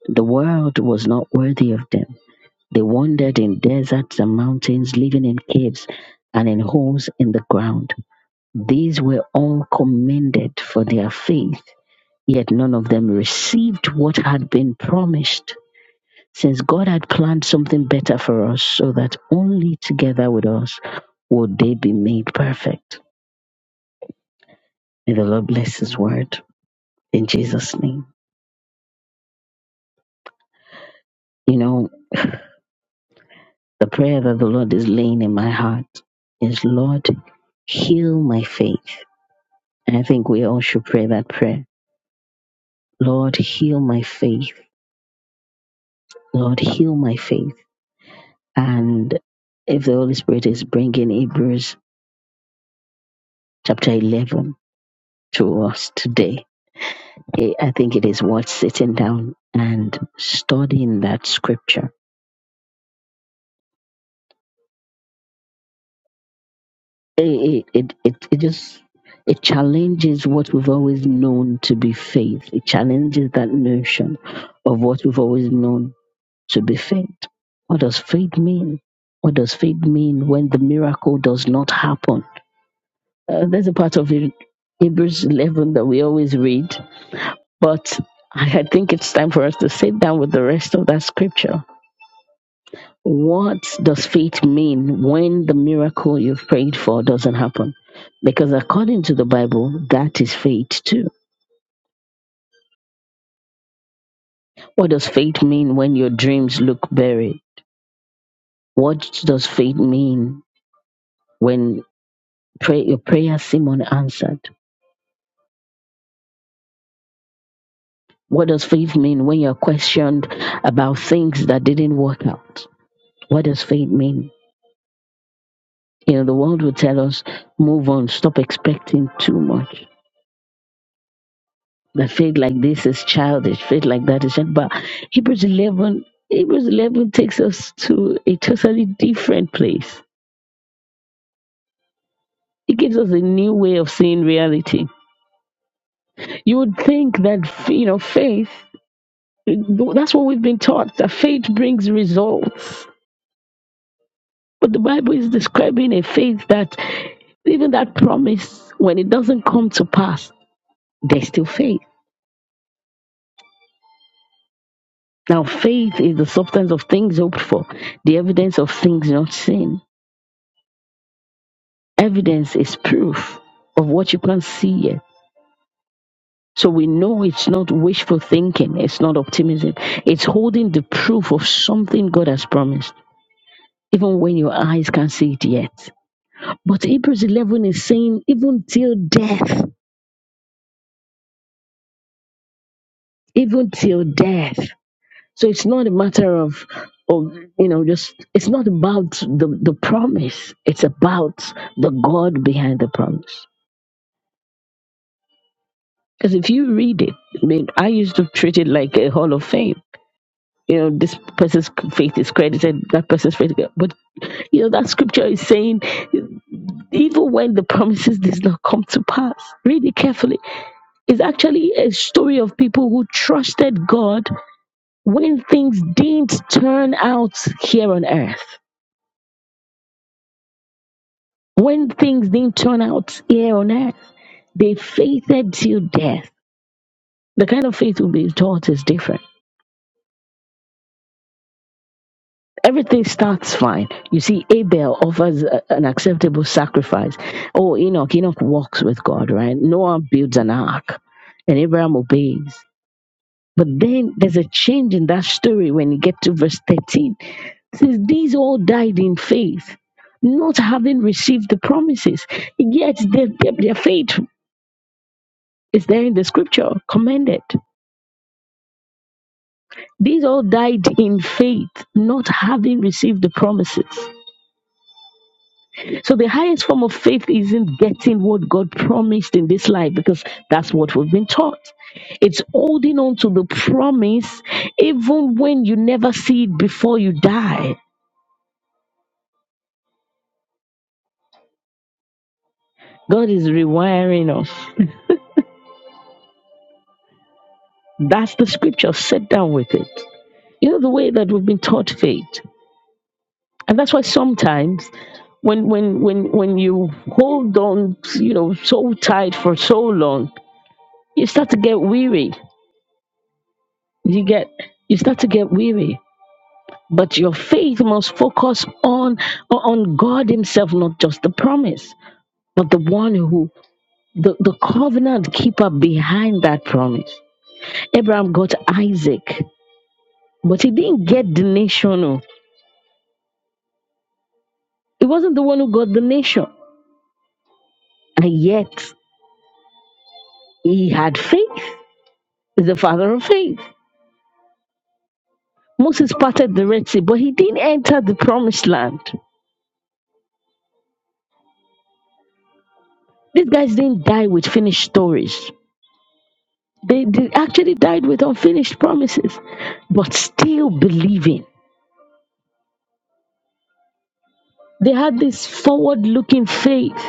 The world was not worthy of them. They wandered in deserts and mountains, living in caves and in holes in the ground. These were all commended for their faith Yet none of them received what had been promised, since God had planned something better for us, so that only together with us would they be made perfect. May the Lord bless His word in Jesus' name. You know, (laughs) the prayer that the Lord is laying in my heart is, Lord, heal my faith. And I think we all should pray that prayer. Lord, heal my faith. Lord, heal my faith. And if the Holy Spirit is bringing Hebrews chapter 11, to us today. I I think it is worth sitting down and studying that scripture. It, it, it, it just it challenges what we've always known to be faith. It challenges that notion of what we've always known to be faith. What does faith mean? What does faith mean when the miracle does not happen? Uh, there's a part of it, Hebrews 11 that we always read, but I I think it's time for us to sit down with the rest of that scripture What does faith mean when the miracle you've prayed for doesn't happen? Because according to the Bible, that is faith too. What does faith mean when your dreams look buried? What does faith mean when pray, your prayers seem unanswered? What does faith mean when you're questioned about things that didn't work out? What does faith mean? You know, the world will tell us, move on, stop expecting too much. that faith like this is childish, faith like that is childish. But Hebrews 11, Hebrews 11 takes us to a totally different place. It gives us a new way of seeing reality. You would think that, you know, faith, that's what we've been taught, that faith brings results. But the Bible is describing a faith that even that promise, when it doesn't come to pass, there's still faith. Now, faith is the substance of things hoped for, the evidence of things not seen Evidence is proof of what you can not see. yet, So we know it's not wishful thinking, it's not optimism. It's holding the proof of something God has promised, even when your eyes can't see it yet. But Hebrews 11 is saying, even till death, even till death. So it's not a matter of, of you know, just, it's not about the, the promise, it's about the God behind the promise. Because if you read it, I mean, I used to treat it like a hall of fame. you know this person's faith is credited that person's faith but you know that scripture is saying even when the promises does not come to pass read it carefully it's actually a story of people who trusted god when things didn't turn out here on earth when things didn't turn out here on earth they faithed till death the kind of faith we've been taught is different everything starts fine. You see, Abel offers a- an acceptable sacrifice. Oh, Enoch, Enoch walks with God, right? Noah builds an ark, and Abraham obeys. But then there's a change in that story when you get to verse 13. It says, These all died in faith, not having received the promises, yet their, their, their faith is there in the scripture, commended. These all died in faith, not having received the promises. So the highest form of faith isn't getting what God promised in this life because that's what we've been taught. It's holding on to the promise even when you never see it before you die. God is rewiring us. That's the scripture. Sit down with it. You know the way that we've been taught faith. And that's why sometimes when when when when you hold on, you know, so tight for so long, you start to get weary. You get you start to get weary But your faith must focus on, on God Himself, not just the promise, but the one who, the, the covenant keeper behind that promise. Abraham got Isaac, but he didn't get the nation. no. He wasn't the one who got the nation. And yet, he had faith. He's the father of faith. Moses parted the Red Sea, but he didn't enter the promised land. These guys didn't die with finished stories. They, they actually died with unfinished promises, but still believing. They had this forward looking faith.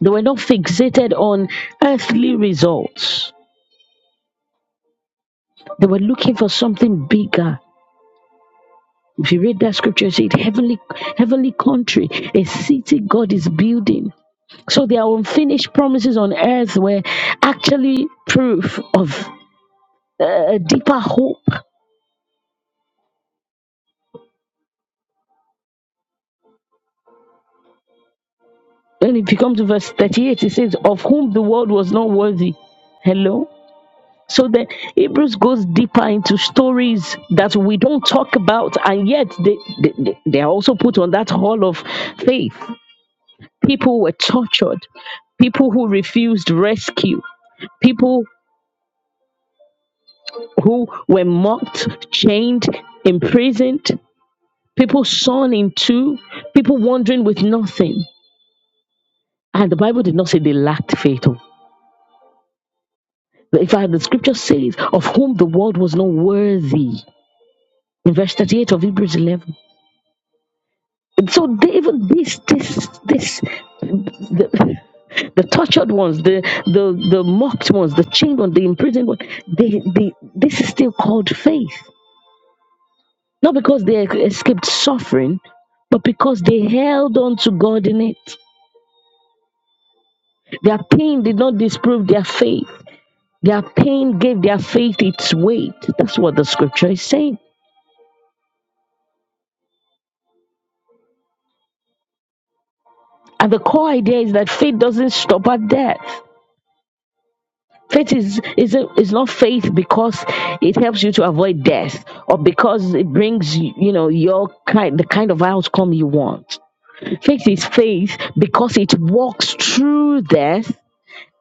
They were not fixated on earthly results, they were looking for something bigger. If you read that scripture, it said heavenly, heavenly country, a city God is building. So their unfinished promises on earth were actually proof of uh, a deeper hope. And if you come to verse 38, it says, Of whom the world was not worthy. Hello? So the Hebrews goes deeper into stories that we don't talk about, and yet they, they, they they are also put on that hall of faith. People were tortured, people who refused rescue, people who were mocked, chained, imprisoned, people sawn in two, people wandering with nothing. And the Bible did not say they lacked faith. oh. In fact, the scripture says, of whom the world was not worthy. In verse 38 of Hebrews 11. So they, even this, this, this, the, the tortured ones, the, the the mocked ones, the chained ones, the imprisoned ones, they, they, this is still called faith. Not because they escaped suffering, but because they held on to God in it. Their pain did not disprove their faith. Their pain gave their faith its weight. That's what the scripture is saying. And the core idea is that faith doesn't stop at death. Faith is is a, is not faith because it helps you to avoid death or because it brings you you know your kind the kind of outcome you want. Faith is faith because it walks through death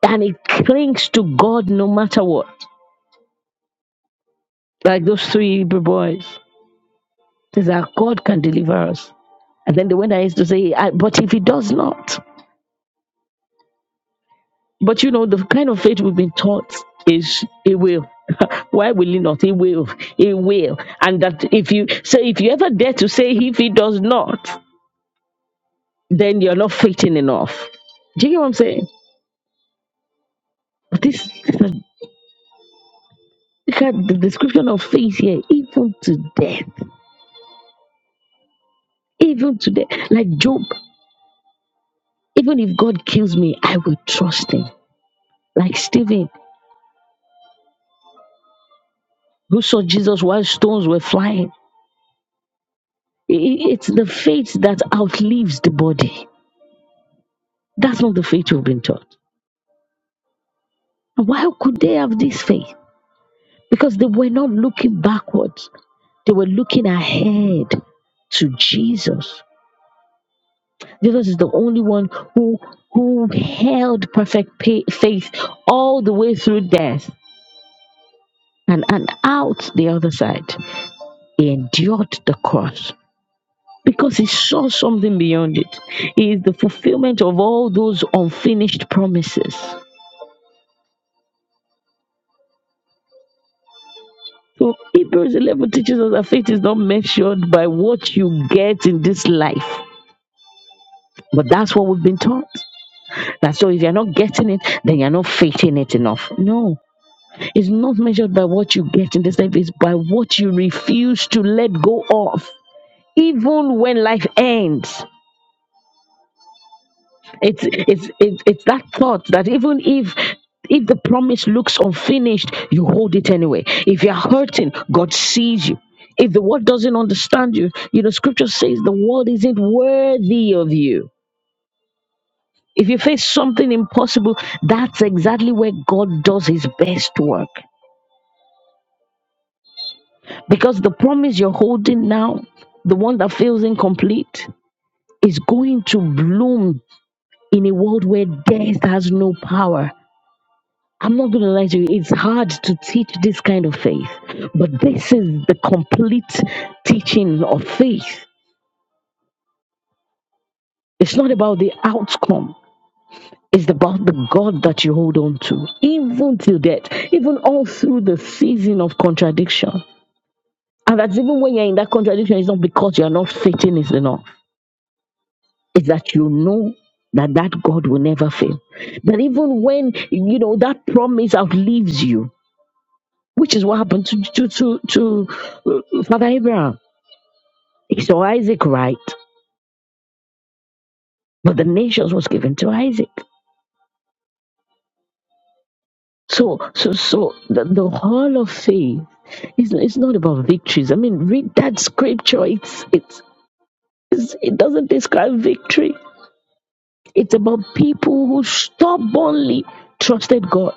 and it clings to God no matter what. Like those three Hebrew boys, says that God can deliver us. And then the one that is to say, I, but if He does not. But you know, the kind of faith we've been taught is a will. (laughs) Why will he not? He will. He will. And that if you so if you ever dare to say if he does not, then you're not faithing enough. Do you get what I'm saying? But this, this is- look at the description of faith here, even to death. Even to death. Like Job, even if God kills me, I will trust him. Like Stephen, who saw Jesus while stones were flying. I- i- It's the faith that outlives the body That's not the faith we've been taught. Why could they have this faith? Because they were not looking backwards, they were looking ahead to Jesus. Jesus is the only one who, who held perfect pa- faith all the way through death and, and out the other side. He endured the cross because he saw something beyond it. He is the fulfillment of all those unfinished promises. So Hebrews 11 teaches us that faith is not measured by what you get in this life. But that's what we've been taught. That so if you're not getting it, then you're not faithing it enough. No, it's not measured by what you get in this life, it's by what you refuse to let go of. Even when life ends. It's it's it's, it's that thought that even if if the promise looks unfinished, you hold it anyway. If you're hurting, God sees you. If the world doesn't understand you, you know, scripture says the world isn't worthy of you. If you face something impossible, that's exactly where God does his best work. Because the promise you're holding now, the one that feels incomplete, is going to bloom in a world where death has no power I'm not going to lie to you. It's hard to teach this kind of faith, but this is the complete teaching of faith. It's not about the outcome. It's about the God that you hold on to, even till death, even all through the season of contradiction. And that's even when you're in that contradiction, it's not because you're not faithing is enough. It's that you know that that God will never fail. That even when, you know, that promise outlives you, which is what happened to, to, to, to uh, Father Abraham So Isaac right, but the nations was given to Isaac. So so so the, the hall of faith is it's not about victories. I mean, read that scripture. It's it's, it's it doesn't describe victory. It's about people who stubbornly trusted God,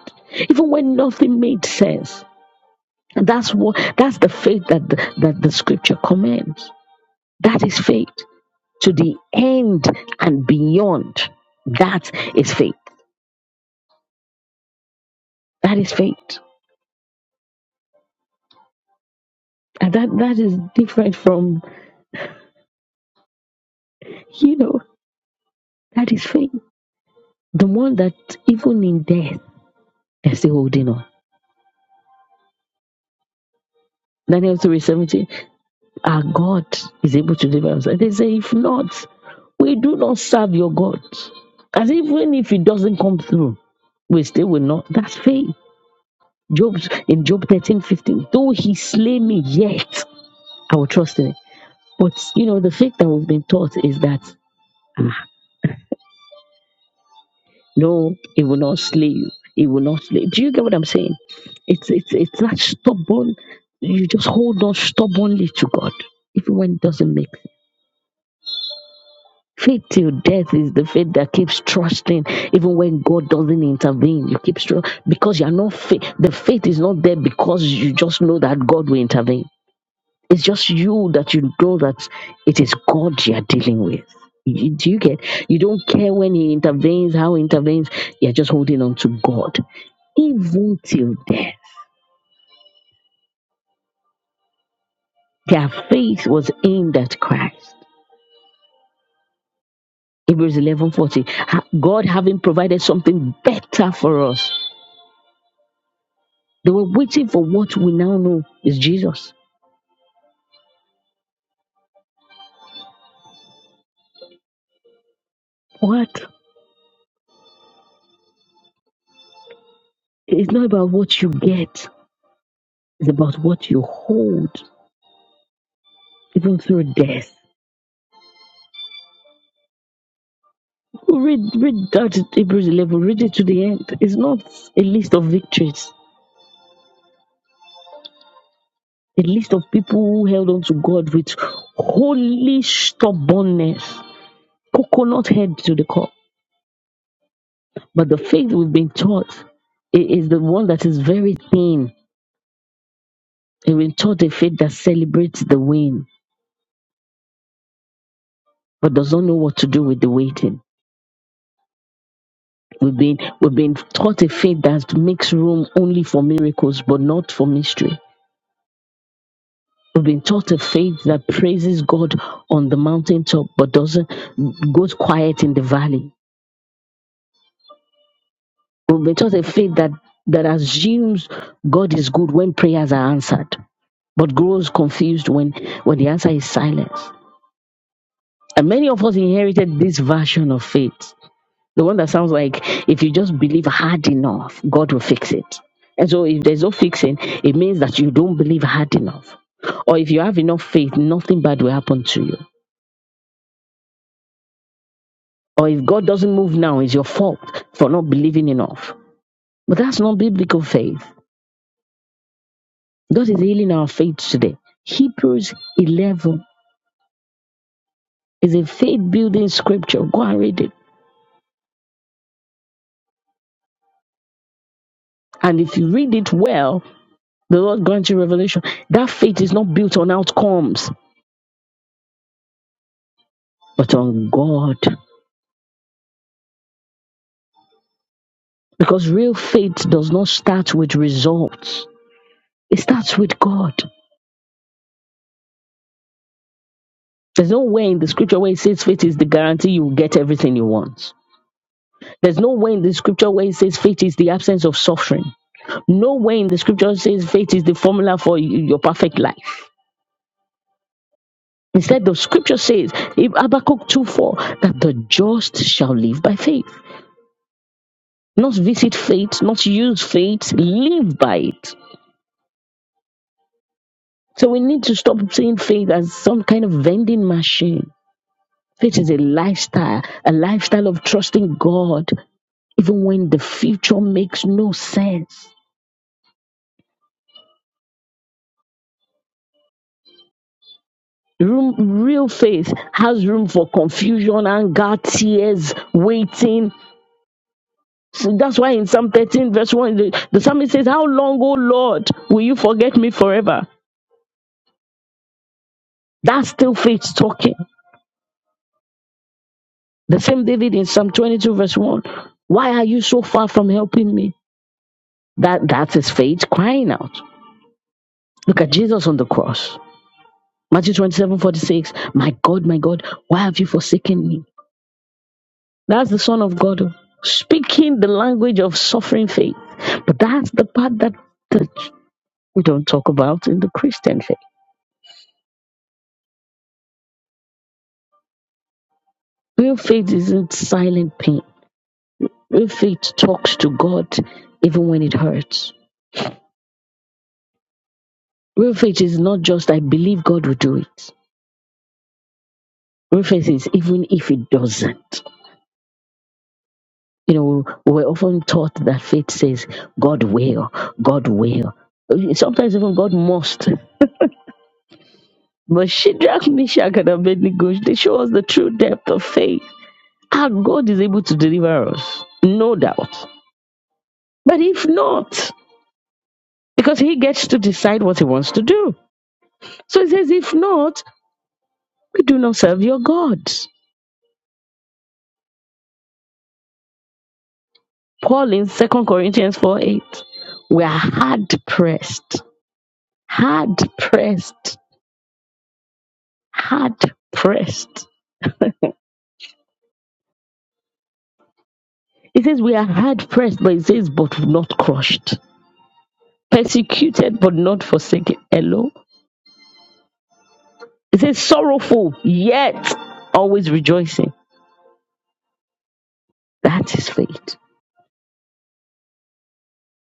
even when nothing made sense. And that's what that's the faith that the, that the scripture commands. That is faith to the end and beyond. That is faith. That is faith. And that, that is different from, you know, that is faith. The one that even in death, they're still holding on. Daniel 3 17, our God is able to deliver us. And they say, if not, we do not serve your God. As even if it doesn't come through, we still will not. That's faith. Job in Job thirteen fifteen. though he slay me, yet I will trust in it. But you know, the faith that we've been taught is that. ah, No, he will not slay you. He will not slay. Do you get what I'm saying? It's it's it's that stubborn. You just hold on stubbornly to God, even when it doesn't make sense. Faith till death is the faith that keeps trusting, even when God doesn't intervene. You keep trusting because you're not faith. The faith is not there because you just know that God will intervene. It's just you that you know that it is God you're dealing with. You, do you get? You don't care when He intervenes, how He intervenes. You're just holding on to God even till death. Their faith was aimed at Christ. Hebrews 11:40. God having provided something better for us. They were waiting for what we now know is Jesus. What? It's not about what you get. It's about what you hold, even through death. Read, read that Hebrews 11. Read it to the end. It's not a list of victories. A list of people who held on to God with holy stubbornness, coconut head to the cup. But the faith we've been taught i- is the one that is very thin. We've been taught a faith that celebrates the win, but does not know what to do with the waiting. We've been we've been taught a faith that makes room only for miracles, but not for mystery. We've been taught a faith that praises God on the mountaintop, but doesn't goes quiet in the valley. We've been taught a faith that that assumes God is good when prayers are answered, but grows confused when when the answer is silence. And many of us inherited this version of faith. The one that sounds like if you just believe hard enough, God will fix it. And so if there's no fixing, it means that you don't believe hard enough. Or if you have enough faith, nothing bad will happen to you. Or if God doesn't move now, it's your fault for not believing enough. But that's not biblical faith. God is healing our faith today. Hebrews 11 is a faith building scripture. Go and read it. And if you read it well, The Lord grant you revelation. That faith is not built on outcomes, but on God. Because real faith does not start with results, it starts with God. There's no way in the scripture where it says faith is the guarantee you will get everything you want. There's no way in the scripture where it says faith is the absence of suffering. No way in the scripture says faith is the formula for y- your perfect life. Instead, the scripture says, if Habakkuk 2 4, that the just shall live by faith. Not visit faith, not use faith, live by it. So we need to stop seeing faith as some kind of vending machine. Faith is a lifestyle, a lifestyle of trusting God, even when the future makes no sense. Room, real faith has room for confusion, anger, tears, waiting. So that's why in Psalm 13, verse 1, the, the psalmist says, How long, O Lord, will you forget me forever? That's still faith talking. The same David in Psalm 22, verse 1. Why are you so far from helping me? That that's his faith crying out. Look at Jesus on the cross. Matthew 27 46. My God, my God, why have you forsaken me? That's the Son of God speaking the language of suffering faith. But that's the part that, that we don't talk about in the Christian faith. Real faith isn't silent pain. Real faith talks to God even when it hurts. Real faith is not just I believe God will do it. Real faith is even if it doesn't. You know, we're often taught that faith says, God will, God will. Sometimes even God must. But Shadrach, Meshach, and Abednego, they show us the true depth of faith. Our God is able to deliver us, no doubt. But if not, because he gets to decide what he wants to do. So he says, if not, we do not serve your gods. Paul in Second Corinthians 4 8, we are hard pressed, hard pressed, hard pressed It says, We are hard pressed, but it says, But not crushed. Persecuted, but not forsaken. Hello? It says, Sorrowful, yet always rejoicing. That is faith.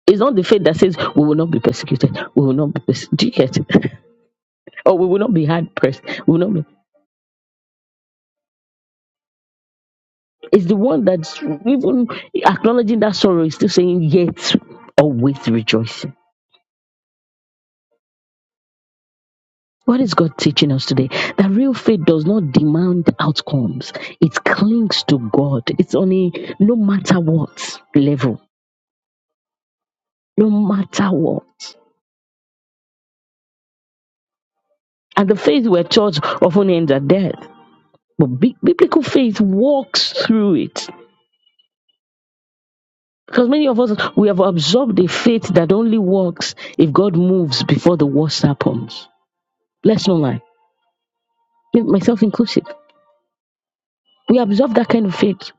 It's not the faith that says, We will not be persecuted. We will not be persecuted. Do you get it? (laughs) or we will not be hard pressed. We will not be. It's the one that's even acknowledging that sorrow is still saying, Yet always rejoicing. What is God teaching us today? That real faith does not demand outcomes. It clings to God. It's on a no matter what level. No matter what. And the faith we're taught often ends at death. But bi- biblical faith walks through it. Because many of us, we have absorbed a faith that only works if God moves before the worst happens. Let's not lie, me- myself inclusive. We absorb that kind of faith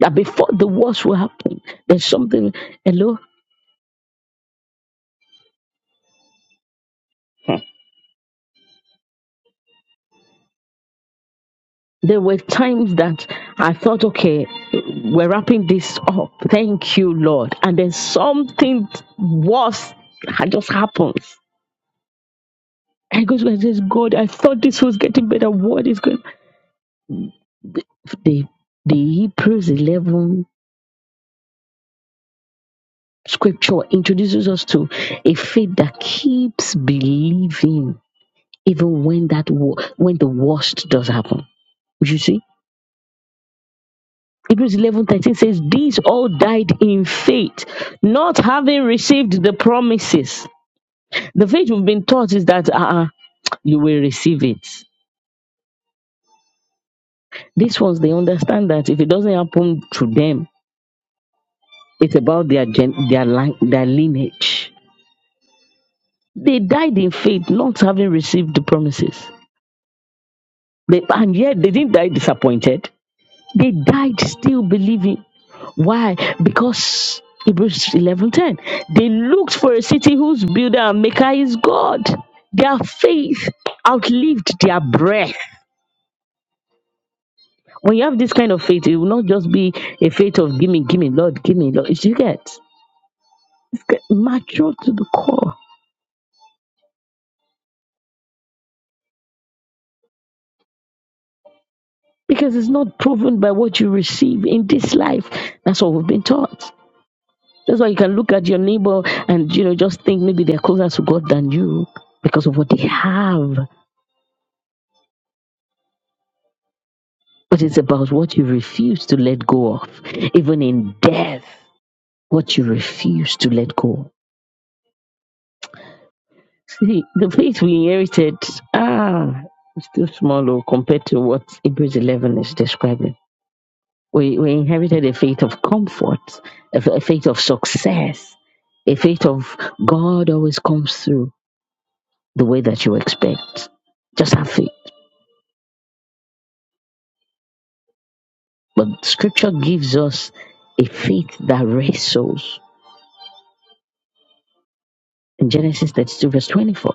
that before the worst will happen, there's something. Hello? there were times that I thought, okay, we're wrapping this up. Thank you, Lord. And then something worse ha- just happens. I go to God and says, God, I thought this was getting better. What is going on? The, the Hebrews 11 scripture introduces us to a faith that keeps believing even when that wo- when the worst does happen. You see? Hebrews eleven thirteen says, These all died in faith, not having received the promises. The faith we've been taught is that uh, you will receive it. These ones, they understand that if it doesn't happen to them, it's about their, gen- their, line- their lineage. They died in faith, not having received the promises. They, and yet they didn't die disappointed. They died still believing. Why? Because Hebrews 11:10. They looked for a city whose builder and maker is God. Their faith outlived their breath. When you have this kind of faith, it will not just be a faith of gimme, gimme, Lord, gimme, Lord. It's- You get it's get mature to the core because it's not proven by what you receive in this life. That's what we've been taught. That's why you can look at your neighbor and you know just think maybe they're closer to God than you because of what they have. but it's about what you refuse to let go of. Even in death, what you refuse to let go of. See, the faith we inherited, ah, it's still small oh, compared to what Hebrews 11 is describing. We, we inherited a faith of comfort, a, f- a faith of success, a faith of God always comes through the way that you expect. Just have faith. But scripture gives us a faith that wrestles. In Genesis 32, verse 24.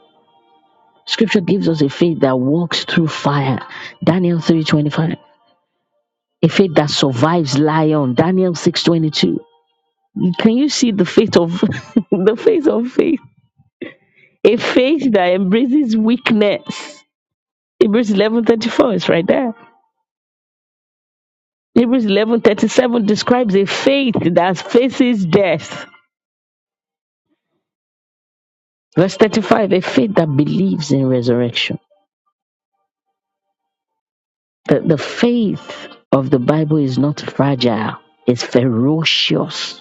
Scripture gives us a faith that walks through fire. Daniel 3:25. A faith that survives lion. Daniel 6:22. Can you see the faith of (laughs) the faith of faith? A faith that embraces weakness. Hebrews 11:34 is right there. Hebrews 11:37 describes a faith that faces death. Verse 35, a faith that believes in resurrection. The, the faith of the Bible is not fragile, it's ferocious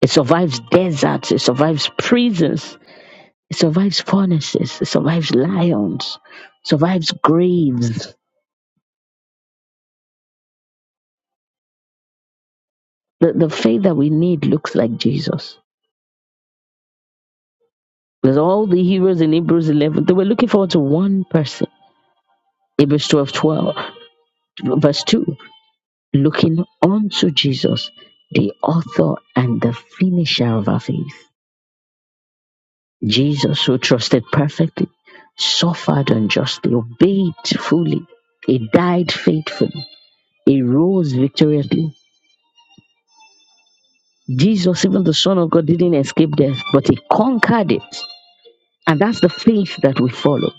It survives deserts. It survives prisons. It survives furnaces. It survives lions. survives graves. The, the faith that we need looks like Jesus. Because all the heroes in Hebrews 11, they were looking forward to one person. Hebrews 12 12, verse 2, looking unto Jesus, the author and the finisher of our faith. Jesus, who trusted perfectly, suffered unjustly, obeyed fully, he died faithfully He rose victoriously. Jesus, even the Son of God, didn't escape death, but he conquered it. And that's the faith that we follow.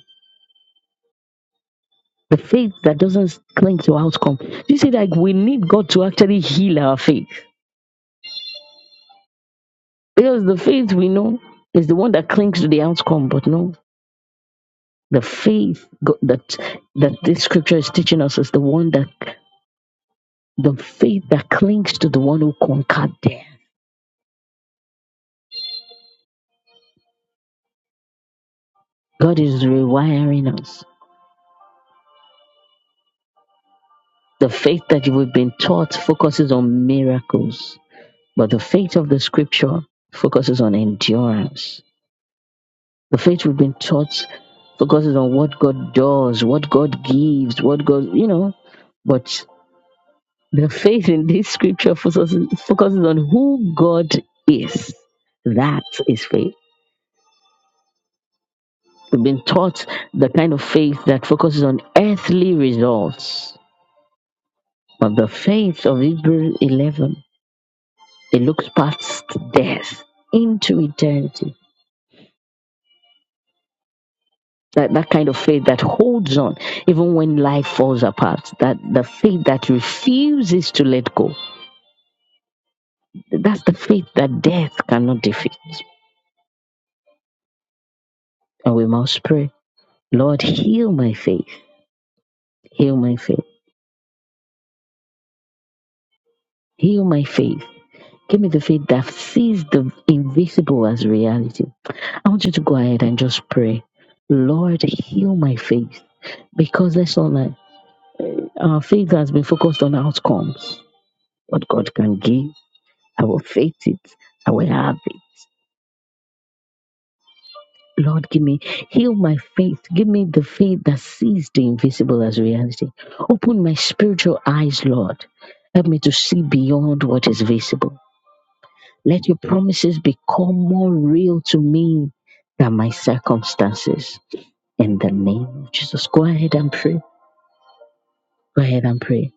The faith that doesn't cling to outcome. You see, like we need God to actually heal our faith. Because the faith we know is the one that clings to the outcome, but no, the faith go- that that this scripture is teaching us is the one that the faith that clings to the one who conquered death. God is rewiring us. The faith that we've been taught focuses on miracles, but the faith of the scripture focuses on endurance. The faith we've been taught focuses on what God does, what God gives, what God, you know, but the faith in this scripture focuses, focuses on who God is. That is faith. We've been taught the kind of faith that focuses on earthly results, but the faith of Hebrews 11 It looks past death into eternity. That, that kind of faith that holds on even when life falls apart. That the faith that refuses to let go. That's the faith that death cannot defeat. And we must pray, Lord, heal my faith. Heal my faith. Heal my faith. Give me the faith that sees the invisible as reality. I want you to go ahead and just pray. Lord, heal my faith. Because that's all I, our faith has been focused on outcomes What God can give, I will faith it. I will have it. Lord, give me, heal my faith. Give me the faith that sees the invisible as reality. Open my spiritual eyes, Lord. Help me to see beyond what is visible. Let your promises become more real to me than my circumstances. In the name of Jesus, go ahead and pray. Go ahead and pray.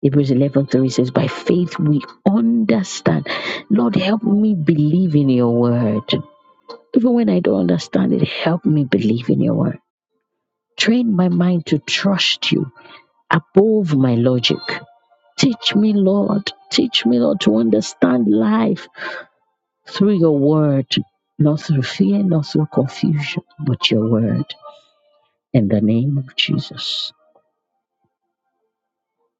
Hebrews 11:3 says, By faith we understand. Lord, help me believe in your word. Even when I don't understand it, help me believe in your word. Train my mind to trust you above my logic. Teach me, Lord. Teach me, Lord, to understand life through your word, not through fear, not through confusion, but your word. In the name of Jesus.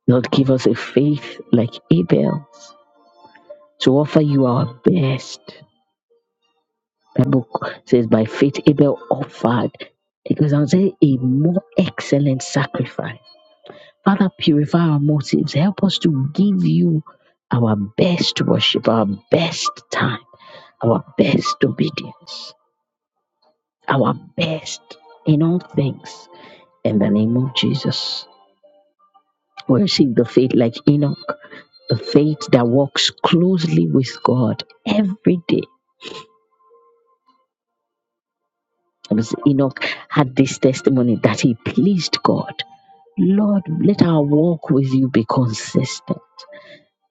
Lord, give us a faith like Abel's to offer you our best. The book says, by faith Abel offered. It goes on to say, a more excellent sacrifice Father, purify our motives. Help us to give you our best worship, our best time, our best obedience, our best in all things. In the name of Jesus, we receive the faith like Enoch, the faith that walks closely with God every day. Because Enoch had this testimony that he pleased God. Lord, let our walk with you be consistent.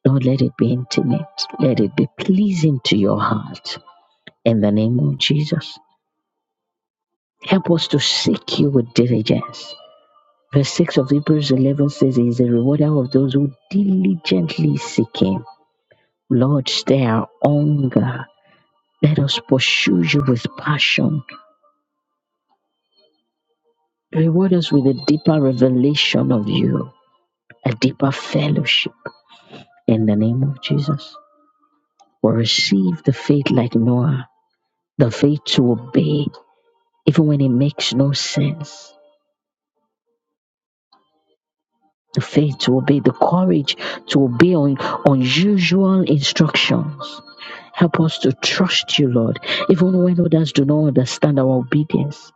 Lord, let it be intimate. Let it be pleasing to your heart. In the name of Jesus. Help us to seek you with diligence. Verse 6 of Hebrews 11 says, He is a rewarder of those who diligently seek Him. Lord, stay our hunger. Let us pursue you with passion. Reward us with a deeper revelation of you, a deeper fellowship. In the name of Jesus. Or receive the faith like Noah, the faith to obey even when it makes no sense. The faith to obey, the courage to obey on unusual instructions. Help us to trust you, Lord, even when others do not understand our obedience.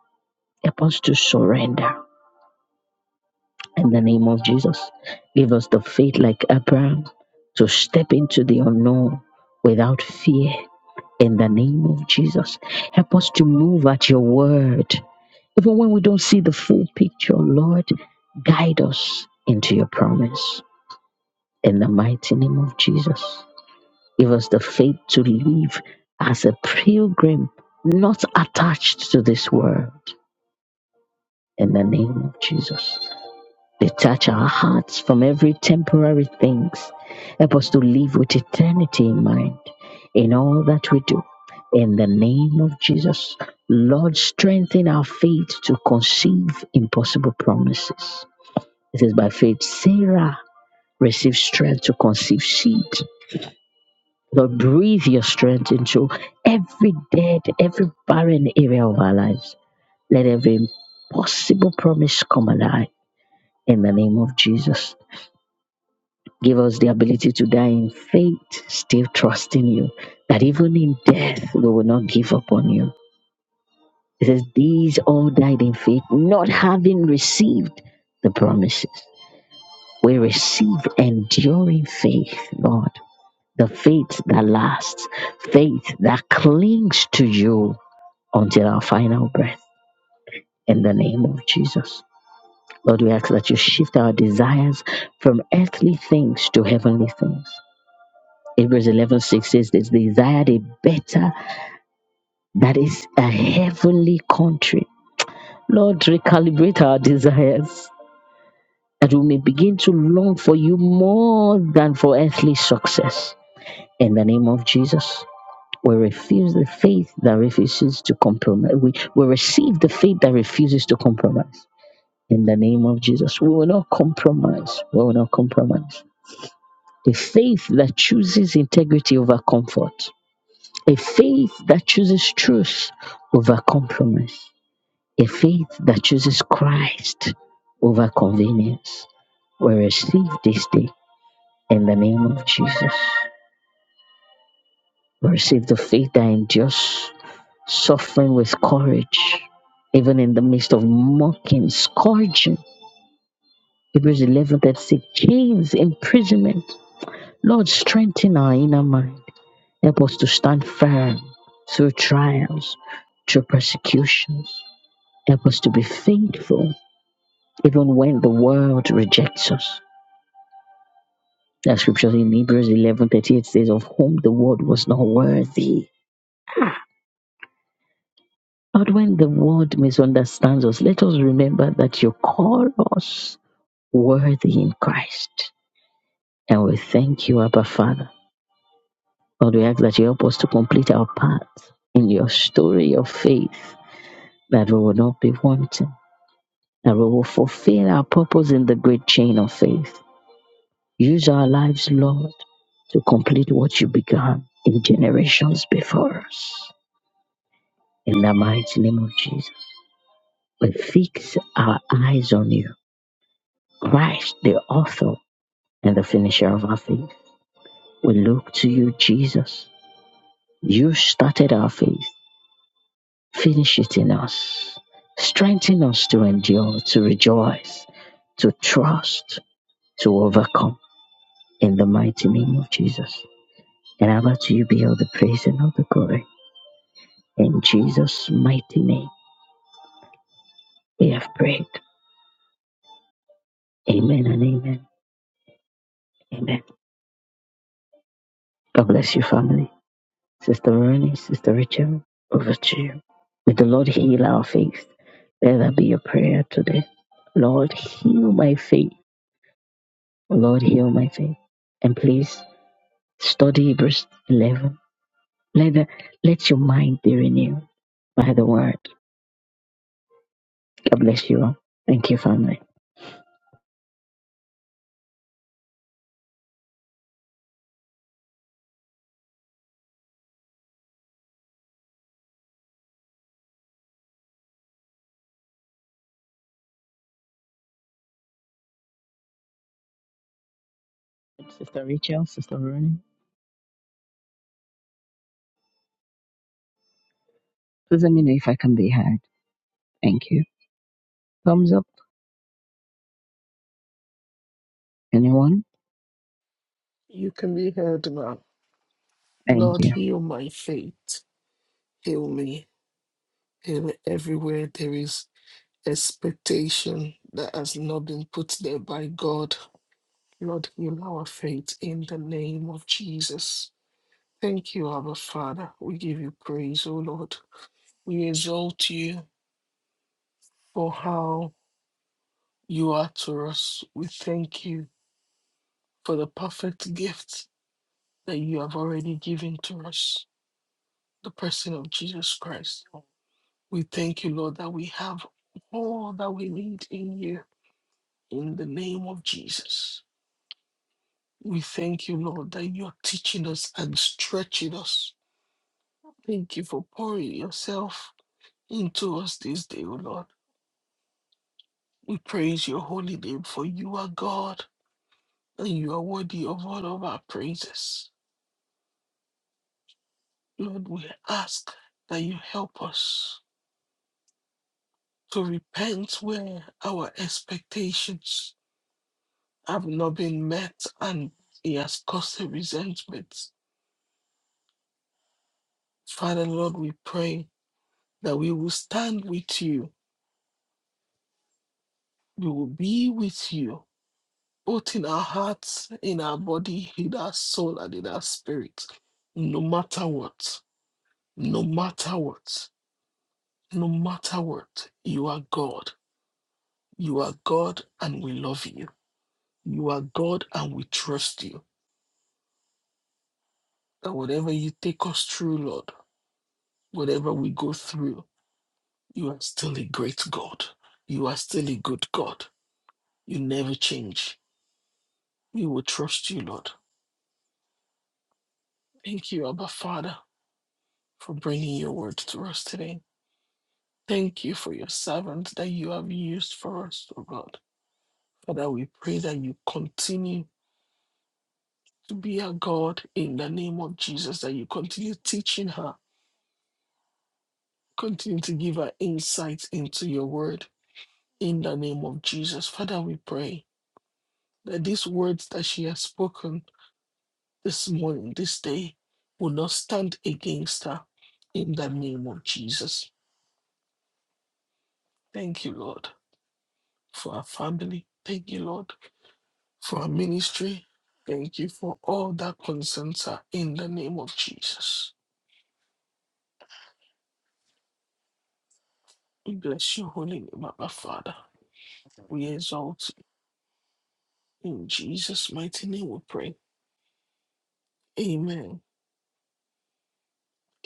Help us to surrender in the name of Jesus. Give us the faith like Abraham to step into the unknown without fear in the name of Jesus. Help us to move at your word Even when we don't see the full picture, Lord, guide us into your promise. In the mighty name of Jesus, give us the faith to live as a pilgrim, not attached to this world. In the name of Jesus, detach our hearts from every temporary things. Help us to live with eternity in mind in all that we do. In the name of Jesus, Lord, strengthen our faith to conceive impossible promises It is by faith, Sarah received strength to conceive seed. Lord, breathe your strength into every dead, every barren area of our lives. Let every impossible promise come alive in the name of Jesus. Give us the ability to die in faith, still trusting you, that even in death we will not give up on you. It says, These all died in faith, not having received the promises. We receive enduring faith, Lord the faith that lasts, faith that clings to you until our final breath. In the name of Jesus. Lord, we ask that you shift our desires from earthly things to heavenly things. Hebrews 11:6 says, They desired a better, that is, a heavenly country. Lord, recalibrate our desires that we may begin to long for you more than for earthly success. In the name of Jesus. We refuse the faith that refuses to compromise. We, we receive the faith that refuses to compromise. In the name of Jesus, we will not compromise. We will not compromise. A faith that chooses integrity over comfort. A faith that chooses truth over compromise. A faith that chooses Christ over convenience. We receive this day in the name of Jesus. We receive the faith that endures suffering with courage, even in the midst of mocking, scourging. Hebrews 11 36, chains, imprisonment. Lord, strengthen our inner mind. Help us to stand firm through trials, through persecutions. Help us to be faithful, even when the world rejects us. That scripture in Hebrews 11 38 says, Of whom the world was not worthy. Ah, But when the world misunderstands us, let us remember that you call us worthy in Christ. And we thank you, Abba Father. Lord, we ask that you help us to complete our part in your story of faith, that we will not be wanting, that we will fulfill our purpose in the great chain of faith. Use our lives, Lord, to complete what you began in generations before us. In the mighty name of Jesus, we fix our eyes on you, Christ, the author and the finisher of our faith. We look to you, Jesus You started our faith, finish it in us. Strengthen us to endure, to rejoice, to trust, to overcome in the mighty name of Jesus. And Abba, to you be all the praise and all the glory. In Jesus' mighty name, we have prayed. Amen and amen. Amen. God bless you, family. Sister Rooney, Sister Rachel, over to you. May the Lord heal our faith. Let that be your prayer today. Lord, heal my faith Lord, heal my faith. And please study Hebrews 11. Let, the, let your mind be renewed by the word. God bless you all. Thank you, family. Sister Rachel, Sister Ronnie, please let me know if I can be heard. Thank you. Thumbs up. Anyone? You can be heard now. Thank Lord, you. heal my faith. Heal me. Heal everywhere there is expectation that has not been put there by God. Lord, heal our faith in the name of Jesus. Thank you, Abba Father. We give you praise, O Lord. We exalt you for how you are to us. We thank you for the perfect gift that you have already given to us, the person of Jesus Christ. We thank you, Lord, that we have all that we need in you in the name of Jesus. We thank you, Lord, that you're teaching us and stretching us. Thank you for pouring yourself into us this day, O Lord. We praise your holy name, for you are God and you are worthy of all of our praises. Lord, we ask that you help us to repent where our expectations have not been met and he has caused a resentment. Father, Lord, we pray that we will stand with you. We will be with you, both in our hearts, in our body, in our soul, and in our spirit. No matter what, no matter what, no matter what, you are God. You are God and we love you. You are God and we trust you. That whatever you take us through, Lord, whatever we go through, You are still a great God. You are still a good God. You never change. We will trust you, Lord. Thank you, Abba Father, for bringing your word to us today. Thank you for your servant that you have used for us, O God. Father, we pray that you continue to be our God in the name of Jesus, that you continue teaching her, continue to give her insight into your word in the name of Jesus. Father, we pray that these words that she has spoken this morning, this day, will not stand against her in the name of Jesus. Thank you, Lord, for our family. Thank you, Lord, for our ministry. Thank you for all that concerns her in the name of Jesus. We bless your holy name, Abba Father. We exalt you. In Jesus' mighty name we pray. Amen.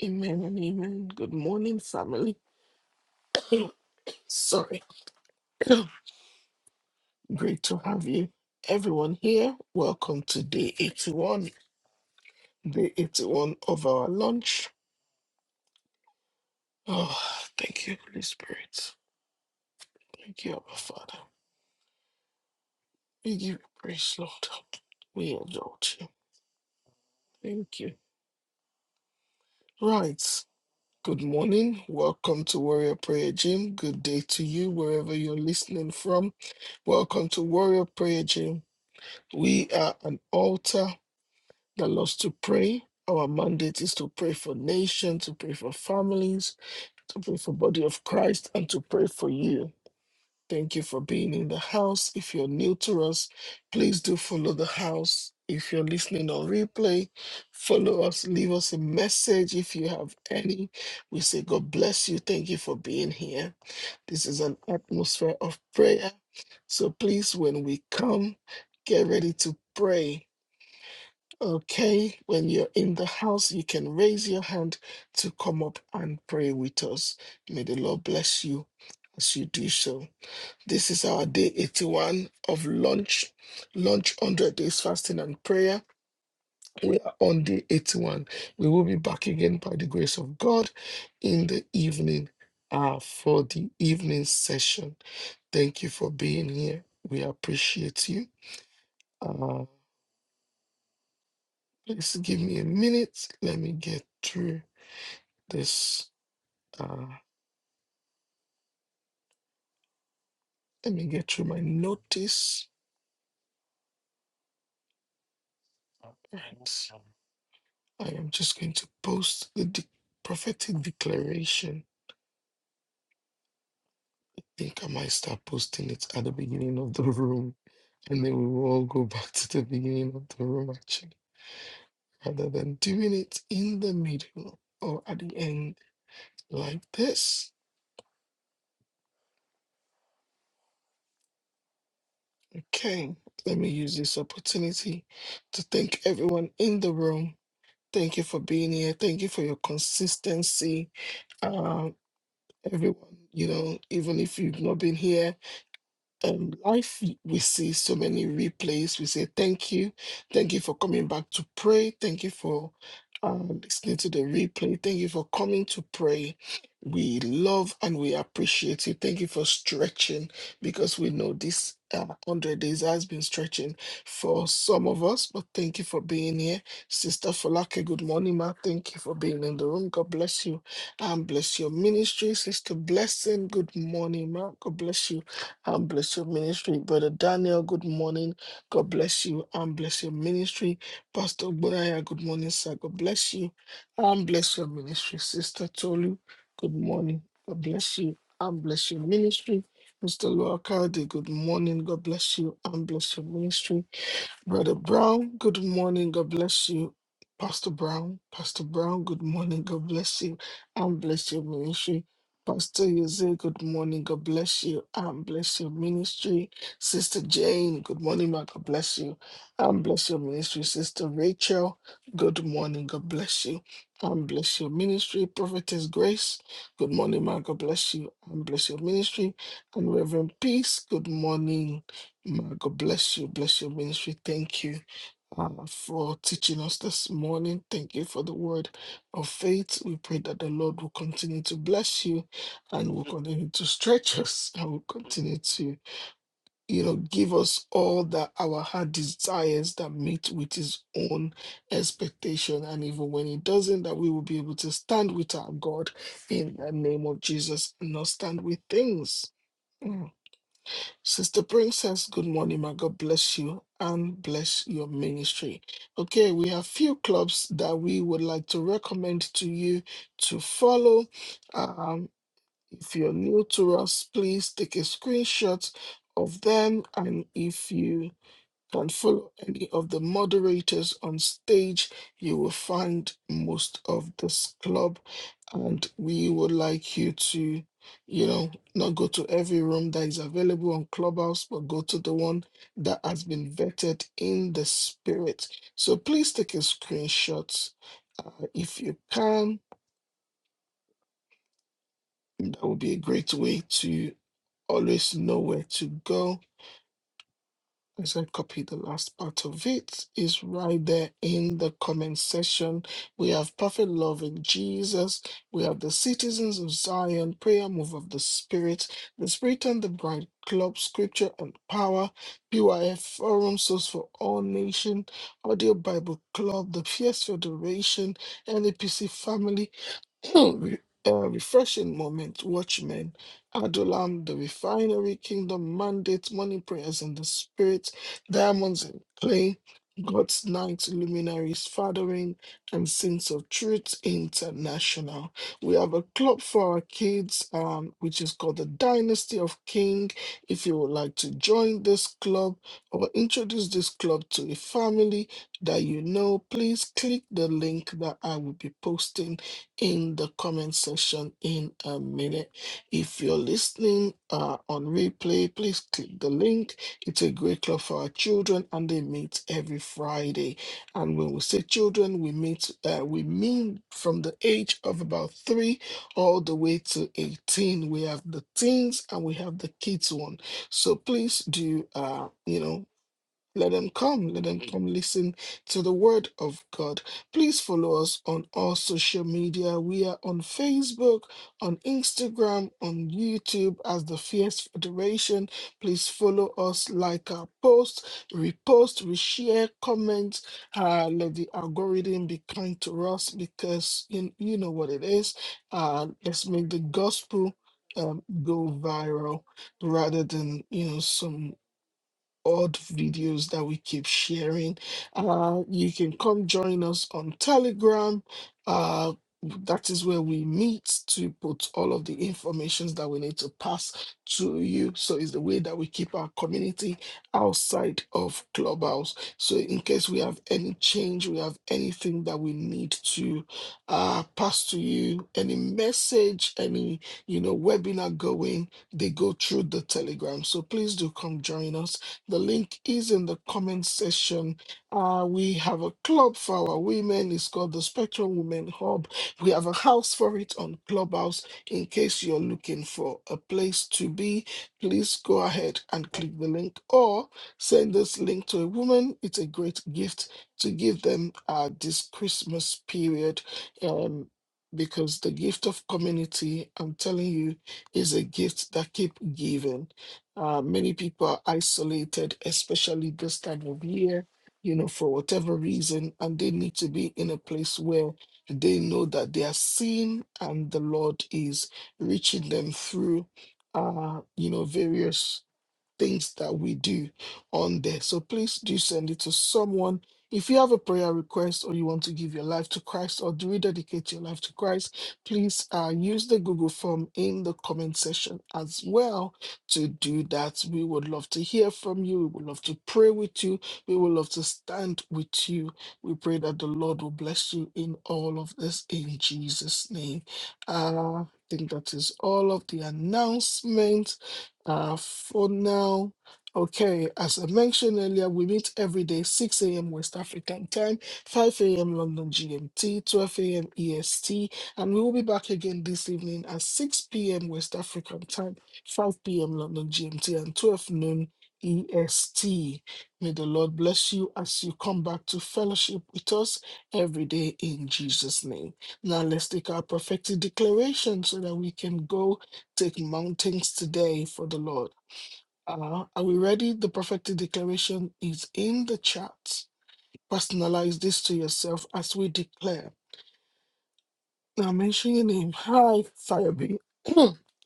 Amen and amen. Good morning, family. (coughs) Sorry. (coughs) Great to have you. Everyone here, welcome to day 81 the 81 of our lunch. Oh, thank you, Holy Spirit. Thank you, our Father. We give you praise, Lord. We exalt you. Thank you. Right. Good morning. Welcome to Warrior Prayer Gym. Good day to you, wherever you're listening from. Welcome to Warrior Prayer Gym. We are an altar that loves to pray. Our mandate is to pray for nations, to pray for families, to pray for body of Christ, and to pray for you. Thank you for being in the house. If you're new to us, please do follow the house. If you're listening on replay, follow us, leave us a message if you have any. We say, God bless you. Thank you for being here. This is an atmosphere of prayer. So please, when we come, get ready to pray. Okay, when you're in the house, you can raise your hand to come up and pray with us. May the Lord bless you as you do so. This is our day 81 of launch, launch 100 days fasting and prayer. We are on day 81. We will be back again by the grace of God in the evening hour for the evening session. Thank you for being here. We appreciate you. Uh, please give me a minute. Let me get through this. Uh, let me get through my notice. All Right. I am just going to post the de- prophetic declaration think I might start posting it at the beginning of the (laughs) room, and then we will all go back to the beginning of the room actually, rather than doing it in the middle or at the end like this. Okay, let me use this opportunity to thank everyone in the room. Thank you for being here. Thank you for your consistency. Um, everyone, you know, even if you've not been here. um, life, we see so many replays. We say thank you. Thank you for coming back to pray. Thank you for uh, listening to the replay. Thank you for coming to pray. We love and we appreciate you. Thank you for stretching because we know this uh, 100 days has been stretching for some of us, but thank you for being here. Sister Folake, good morning, ma. Thank you for being in the room. God bless you and bless your ministry. Sister Blessing, good morning, ma. God bless you and bless your ministry. Brother Daniel, good morning. God bless you and bless your ministry. Pastor Bonaya, good morning, sir. God bless you and bless your ministry. Sister Tolu, good morning. God bless you and bless your ministry. Mr. Luakade, good morning. God bless you and bless your ministry. Brother Brown, good morning. God bless you. Pastor Brown, Pastor Brown, good morning. God bless you and bless your ministry. Pastor Jose, good morning. God bless you and bless your ministry. Sister Jane, good morning. Ma. God bless you and bless your ministry. Sister Rachel, good morning. God bless you and bless your ministry. Prophetess Grace, good morning. Ma. God bless you and bless your ministry. And Reverend Peace, good morning. Ma, God bless you. Bless your ministry. Thank you uh, for teaching us this morning. Thank you for the word of faith. We pray that the Lord will continue to bless you and will continue to stretch us and will continue to, you know, give us all that our heart desires that meet with his own expectation. And even when it doesn't, that we will be able to stand with our God in the name of Jesus and not stand with things. Mm. Sister Princess, good morning, my God bless you and bless your ministry. Okay, we have few clubs that we would like to recommend to you to follow. Um, if you're new to us, please take a screenshot of them, and if you can follow any of the moderators on stage. You will find most of this club, and we would like you to, you know, not go to every room that is available on Clubhouse, but go to the one that has been vetted in the spirit. So please take a screenshot uh, if you can. That would be a great way to always know where to go As I copy the last part of it, is right there in the comment section. We have perfect love in Jesus. We have the citizens of Zion, prayer move of the Spirit, the Spirit and the Bride Club, Scripture and Power, PYF Forum, Source for All Nation, Audio Bible Club, the Fierce Federation, NAPC Family. Re- uh, refreshing moment, Watchmen, Adulam, The Refinery, Kingdom Mandate, Morning Prayers in the Spirit, Diamonds and Clay, God's Night, Luminaries, Fathering, and Sins of Truth International. We have a club for our kids, um, which is called the Dynasty of King. If you would like to join this club or introduce this club to a family that you know, please click the link that I will be posting in the comment section in a minute. If you're listening uh, on replay, please click the link. It's a great club for our children, and they meet every Friday. And when we say children, we meet uh, we mean from the age of about three all the way to eighteen. We have the teens and we have the kids one. So please do uh, you know let them come. Let them come listen to the word of God. Please follow us on all social media. We are on Facebook, on Instagram, on YouTube as the Fierce Federation. Please follow us, like our posts, repost, reshare, comment. Uh, let the algorithm be kind to us because you, you know what it is. Uh, let's make the gospel um, go viral rather than, you know, some odd videos that we keep sharing. Uh, you can come join us on Telegram. Uh, that is where we meet to put all of the informations that we need to pass to you. So it's the way that we keep our community outside of Clubhouse. So in case we have any change, we have anything that we need to uh, pass to you, any message, any you know webinar going, they go through the Telegram. So please do come join us the link is in the comment section. Uh, we have a club for our women. It's called the Spectrum Women Hub. We have a house for it on Clubhouse. In case you're looking for a place to be, please go ahead and click the link or send this link to a woman. It's a great gift to give them uh, this Christmas period. Um, because the gift of community, I'm telling you, is a gift that keep giving. Uh, many people are isolated, especially this time of year, you know, for whatever reason, and they need to be in a place where they know that they are seen and the Lord is reaching them through, uh, you know, various things that we do on there. So please do send it to someone. If you have a prayer request or you want to give your life to Christ or to rededicate your life to Christ, please uh, use the Google form in the comment section as well to do that. We would love to hear from you. We would love to pray with you. We would love to stand with you. We pray that the Lord will bless you in all of this in Jesus' name. Uh, I think that is all of the announcements. Uh, for now, okay, as I mentioned earlier, we meet every day, 6 a.m. West African time, 5 a.m. London GMT, 12 a.m. EST, and we will be back again this evening at 6 p.m. West African time, 5 p.m. London GMT, and 12 noon EST. May the Lord bless you as you come back to fellowship with us every day in Jesus' name. Now let's take our prophetic declaration so that we can go take mountains today for the Lord. Uh, are we ready? The prophetic declaration is in the chat. Personalize this to yourself as we declare. Now mention your name. Hi, Sayobi. (clears throat)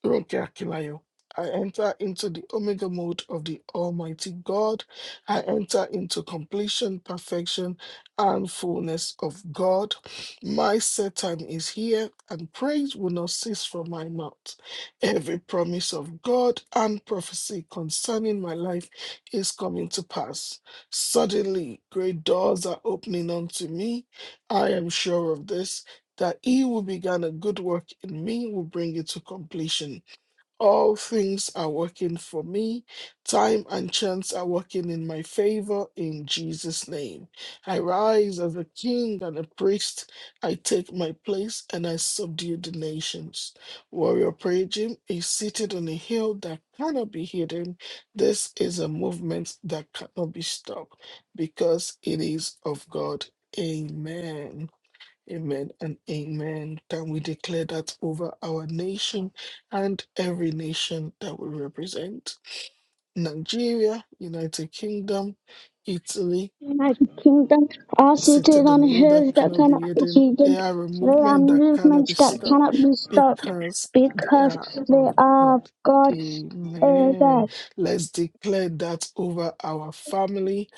Roke Akilayo. I enter into the Omega mode of the Almighty God. I enter into completion, perfection, and fullness of God. My set time is here, and praise will not cease from my mouth. Every promise of God and prophecy concerning my life is coming to pass. Suddenly, great doors are opening unto me. I am sure of this that he who began a good work in me will bring it to completion. All things are working for me. Time and chance are working in my favor in Jesus' name. I rise as a king and a priest. I take my place and I subdue the nations. Warrior Prayer Gym is seated on a hill that cannot be hidden. This is a movement that cannot be stopped because it is of God. Amen. Amen and amen. Can we declare that over our nation and every nation that we represent? Nigeria, United Kingdom, Italy, My kingdom are seated seated on on a hill that hills that cannot be cannot be hidden. They hidden. are a They are movement that cannot be movements that stopped cannot be stopped because they because are they of are of God. God. Eh, Amen. that, Let's declare that over our family.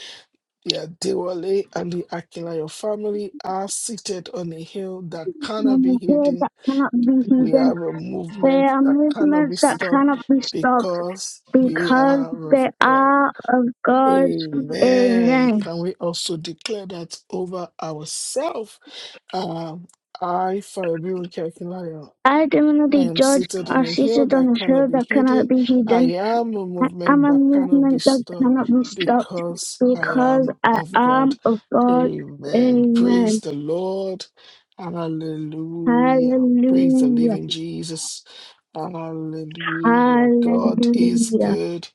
The Adewale and the Akinlayo family are seated on a hill that cannot be mm, eh, hidden that cannot be We hidden. are a The movement that cannot be amusements that stopped cannot be stopped because we because are of they God. are of God. Amen. Amen. Can we also declare that over ourselves? Um, I, Fabian Kirkland, I I definitely am judge seated on are a hill seated on that a cannot hill be that cannot hidden. be I hidden. am a I movement am a that cannot be movement that stopped cannot be stopped because I because am I of God. am of God. Amen. Praise Amen. the Lord. Hallelujah. Praise the Hallelujah. living Jesus. Hallelujah. God is Hallelujah. good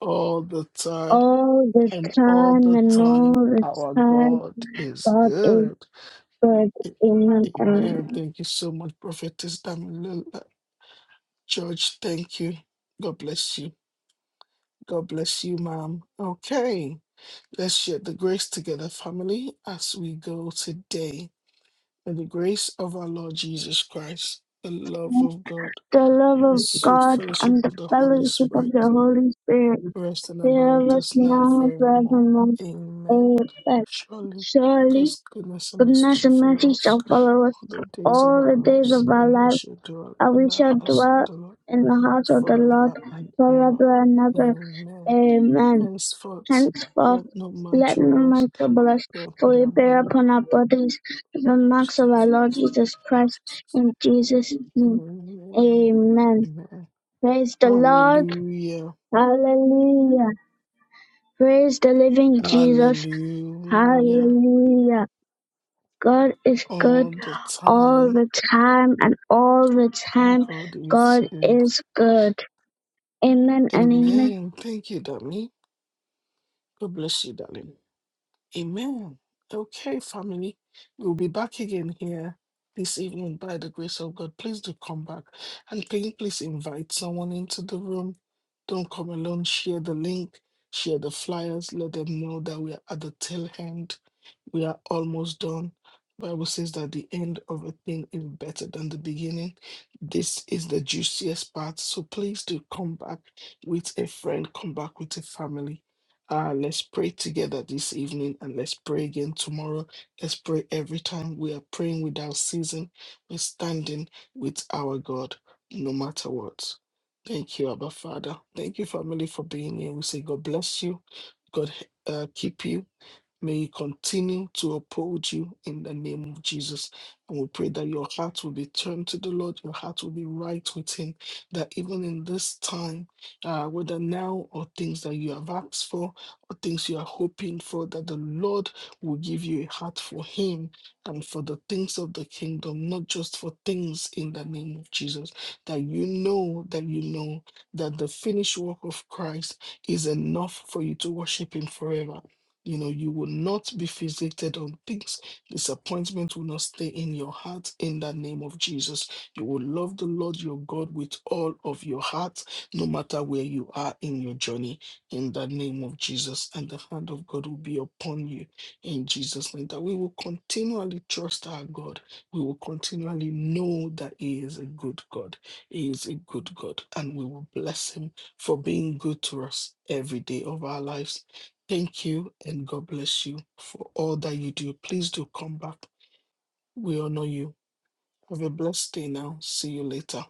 all the time, All the and all time the and all time, the our time God is God is good. good. A- Amen. Amen. Amen. Thank you so much, Prophetess Damilala. George, thank you. God bless you. God bless you, ma'am. Okay, let's share the grace together, family, as we go today. May the grace of our Lord Jesus Christ, the love of God, the love the of sweet God, fellowship and the of the Holy fellowship of Spirit the Holy Spirit rest and be abide with with us us now and now and forevermore. forevermore. Amen. Amen. Surely Surely, God's goodness and mercy goodness shall and mercy follow us shall follow us all the days of all our the days lives, of our and we life, shall dwell and in we the shall house of dwell the Lord in the house of the Lord forever and ever. forever and ever. Amen. Amen. Henceforth, Henceforth, let no man let no trouble us, man trouble us, bear upon for we our bear body. upon our bodies the marks of our Jesus Lord Christ. Jesus Christ. In Jesus' name, Amen. amen. Amen. Praise the Lord. Hallelujah. Hallelujah. Praise the living Jesus. Hallelujah. Hallelujah. God is good All the all time. the time and all the Our time God is God good. is good. Amen and amen. Amen. Thank you, Dami. God bless you, darling. Amen. Okay, family. We'll be back again here this evening by the grace of God. Please do come back. And can you please invite someone into the room? Don't come alone. Share the link, share the flyers. Let them know that we are at the tail end we are almost done. Bible says that the end of a thing is better than the beginning. This is the juiciest part. So please do come back with a friend, come back with a family. Uh, let's pray together this evening and let's pray again tomorrow. Let's pray every time. We are praying without season. We're standing with our God no matter what. Thank you, Abba Father. Thank you, family, for being here. We say God bless you. God uh, keep you. May He continue to uphold you in the name of Jesus. And we pray that your heart will be turned to the Lord, your heart will be right with Him, that even in this time, uh, whether now or things that you have asked for or things you are hoping for, that the Lord will give you a heart for Him and for the things of the kingdom, not just for things in the name of Jesus. That you know, that you know that the finished work of Christ is enough for you to worship Him forever you know, you will not be fixated on things. Disappointment will not stay in your heart in the name of Jesus. You will love the Lord your God with all of your heart, no matter where you are in your journey, in the name of Jesus. And the hand of God will be upon you in Jesus' name. That we will continually trust our God. We will continually know that He is a good God. He is a good God. And we will bless Him for being good to us every day of our lives Thank you and God bless you for all that you do. Please do come back. We honor you. Have a blessed day now. See you later.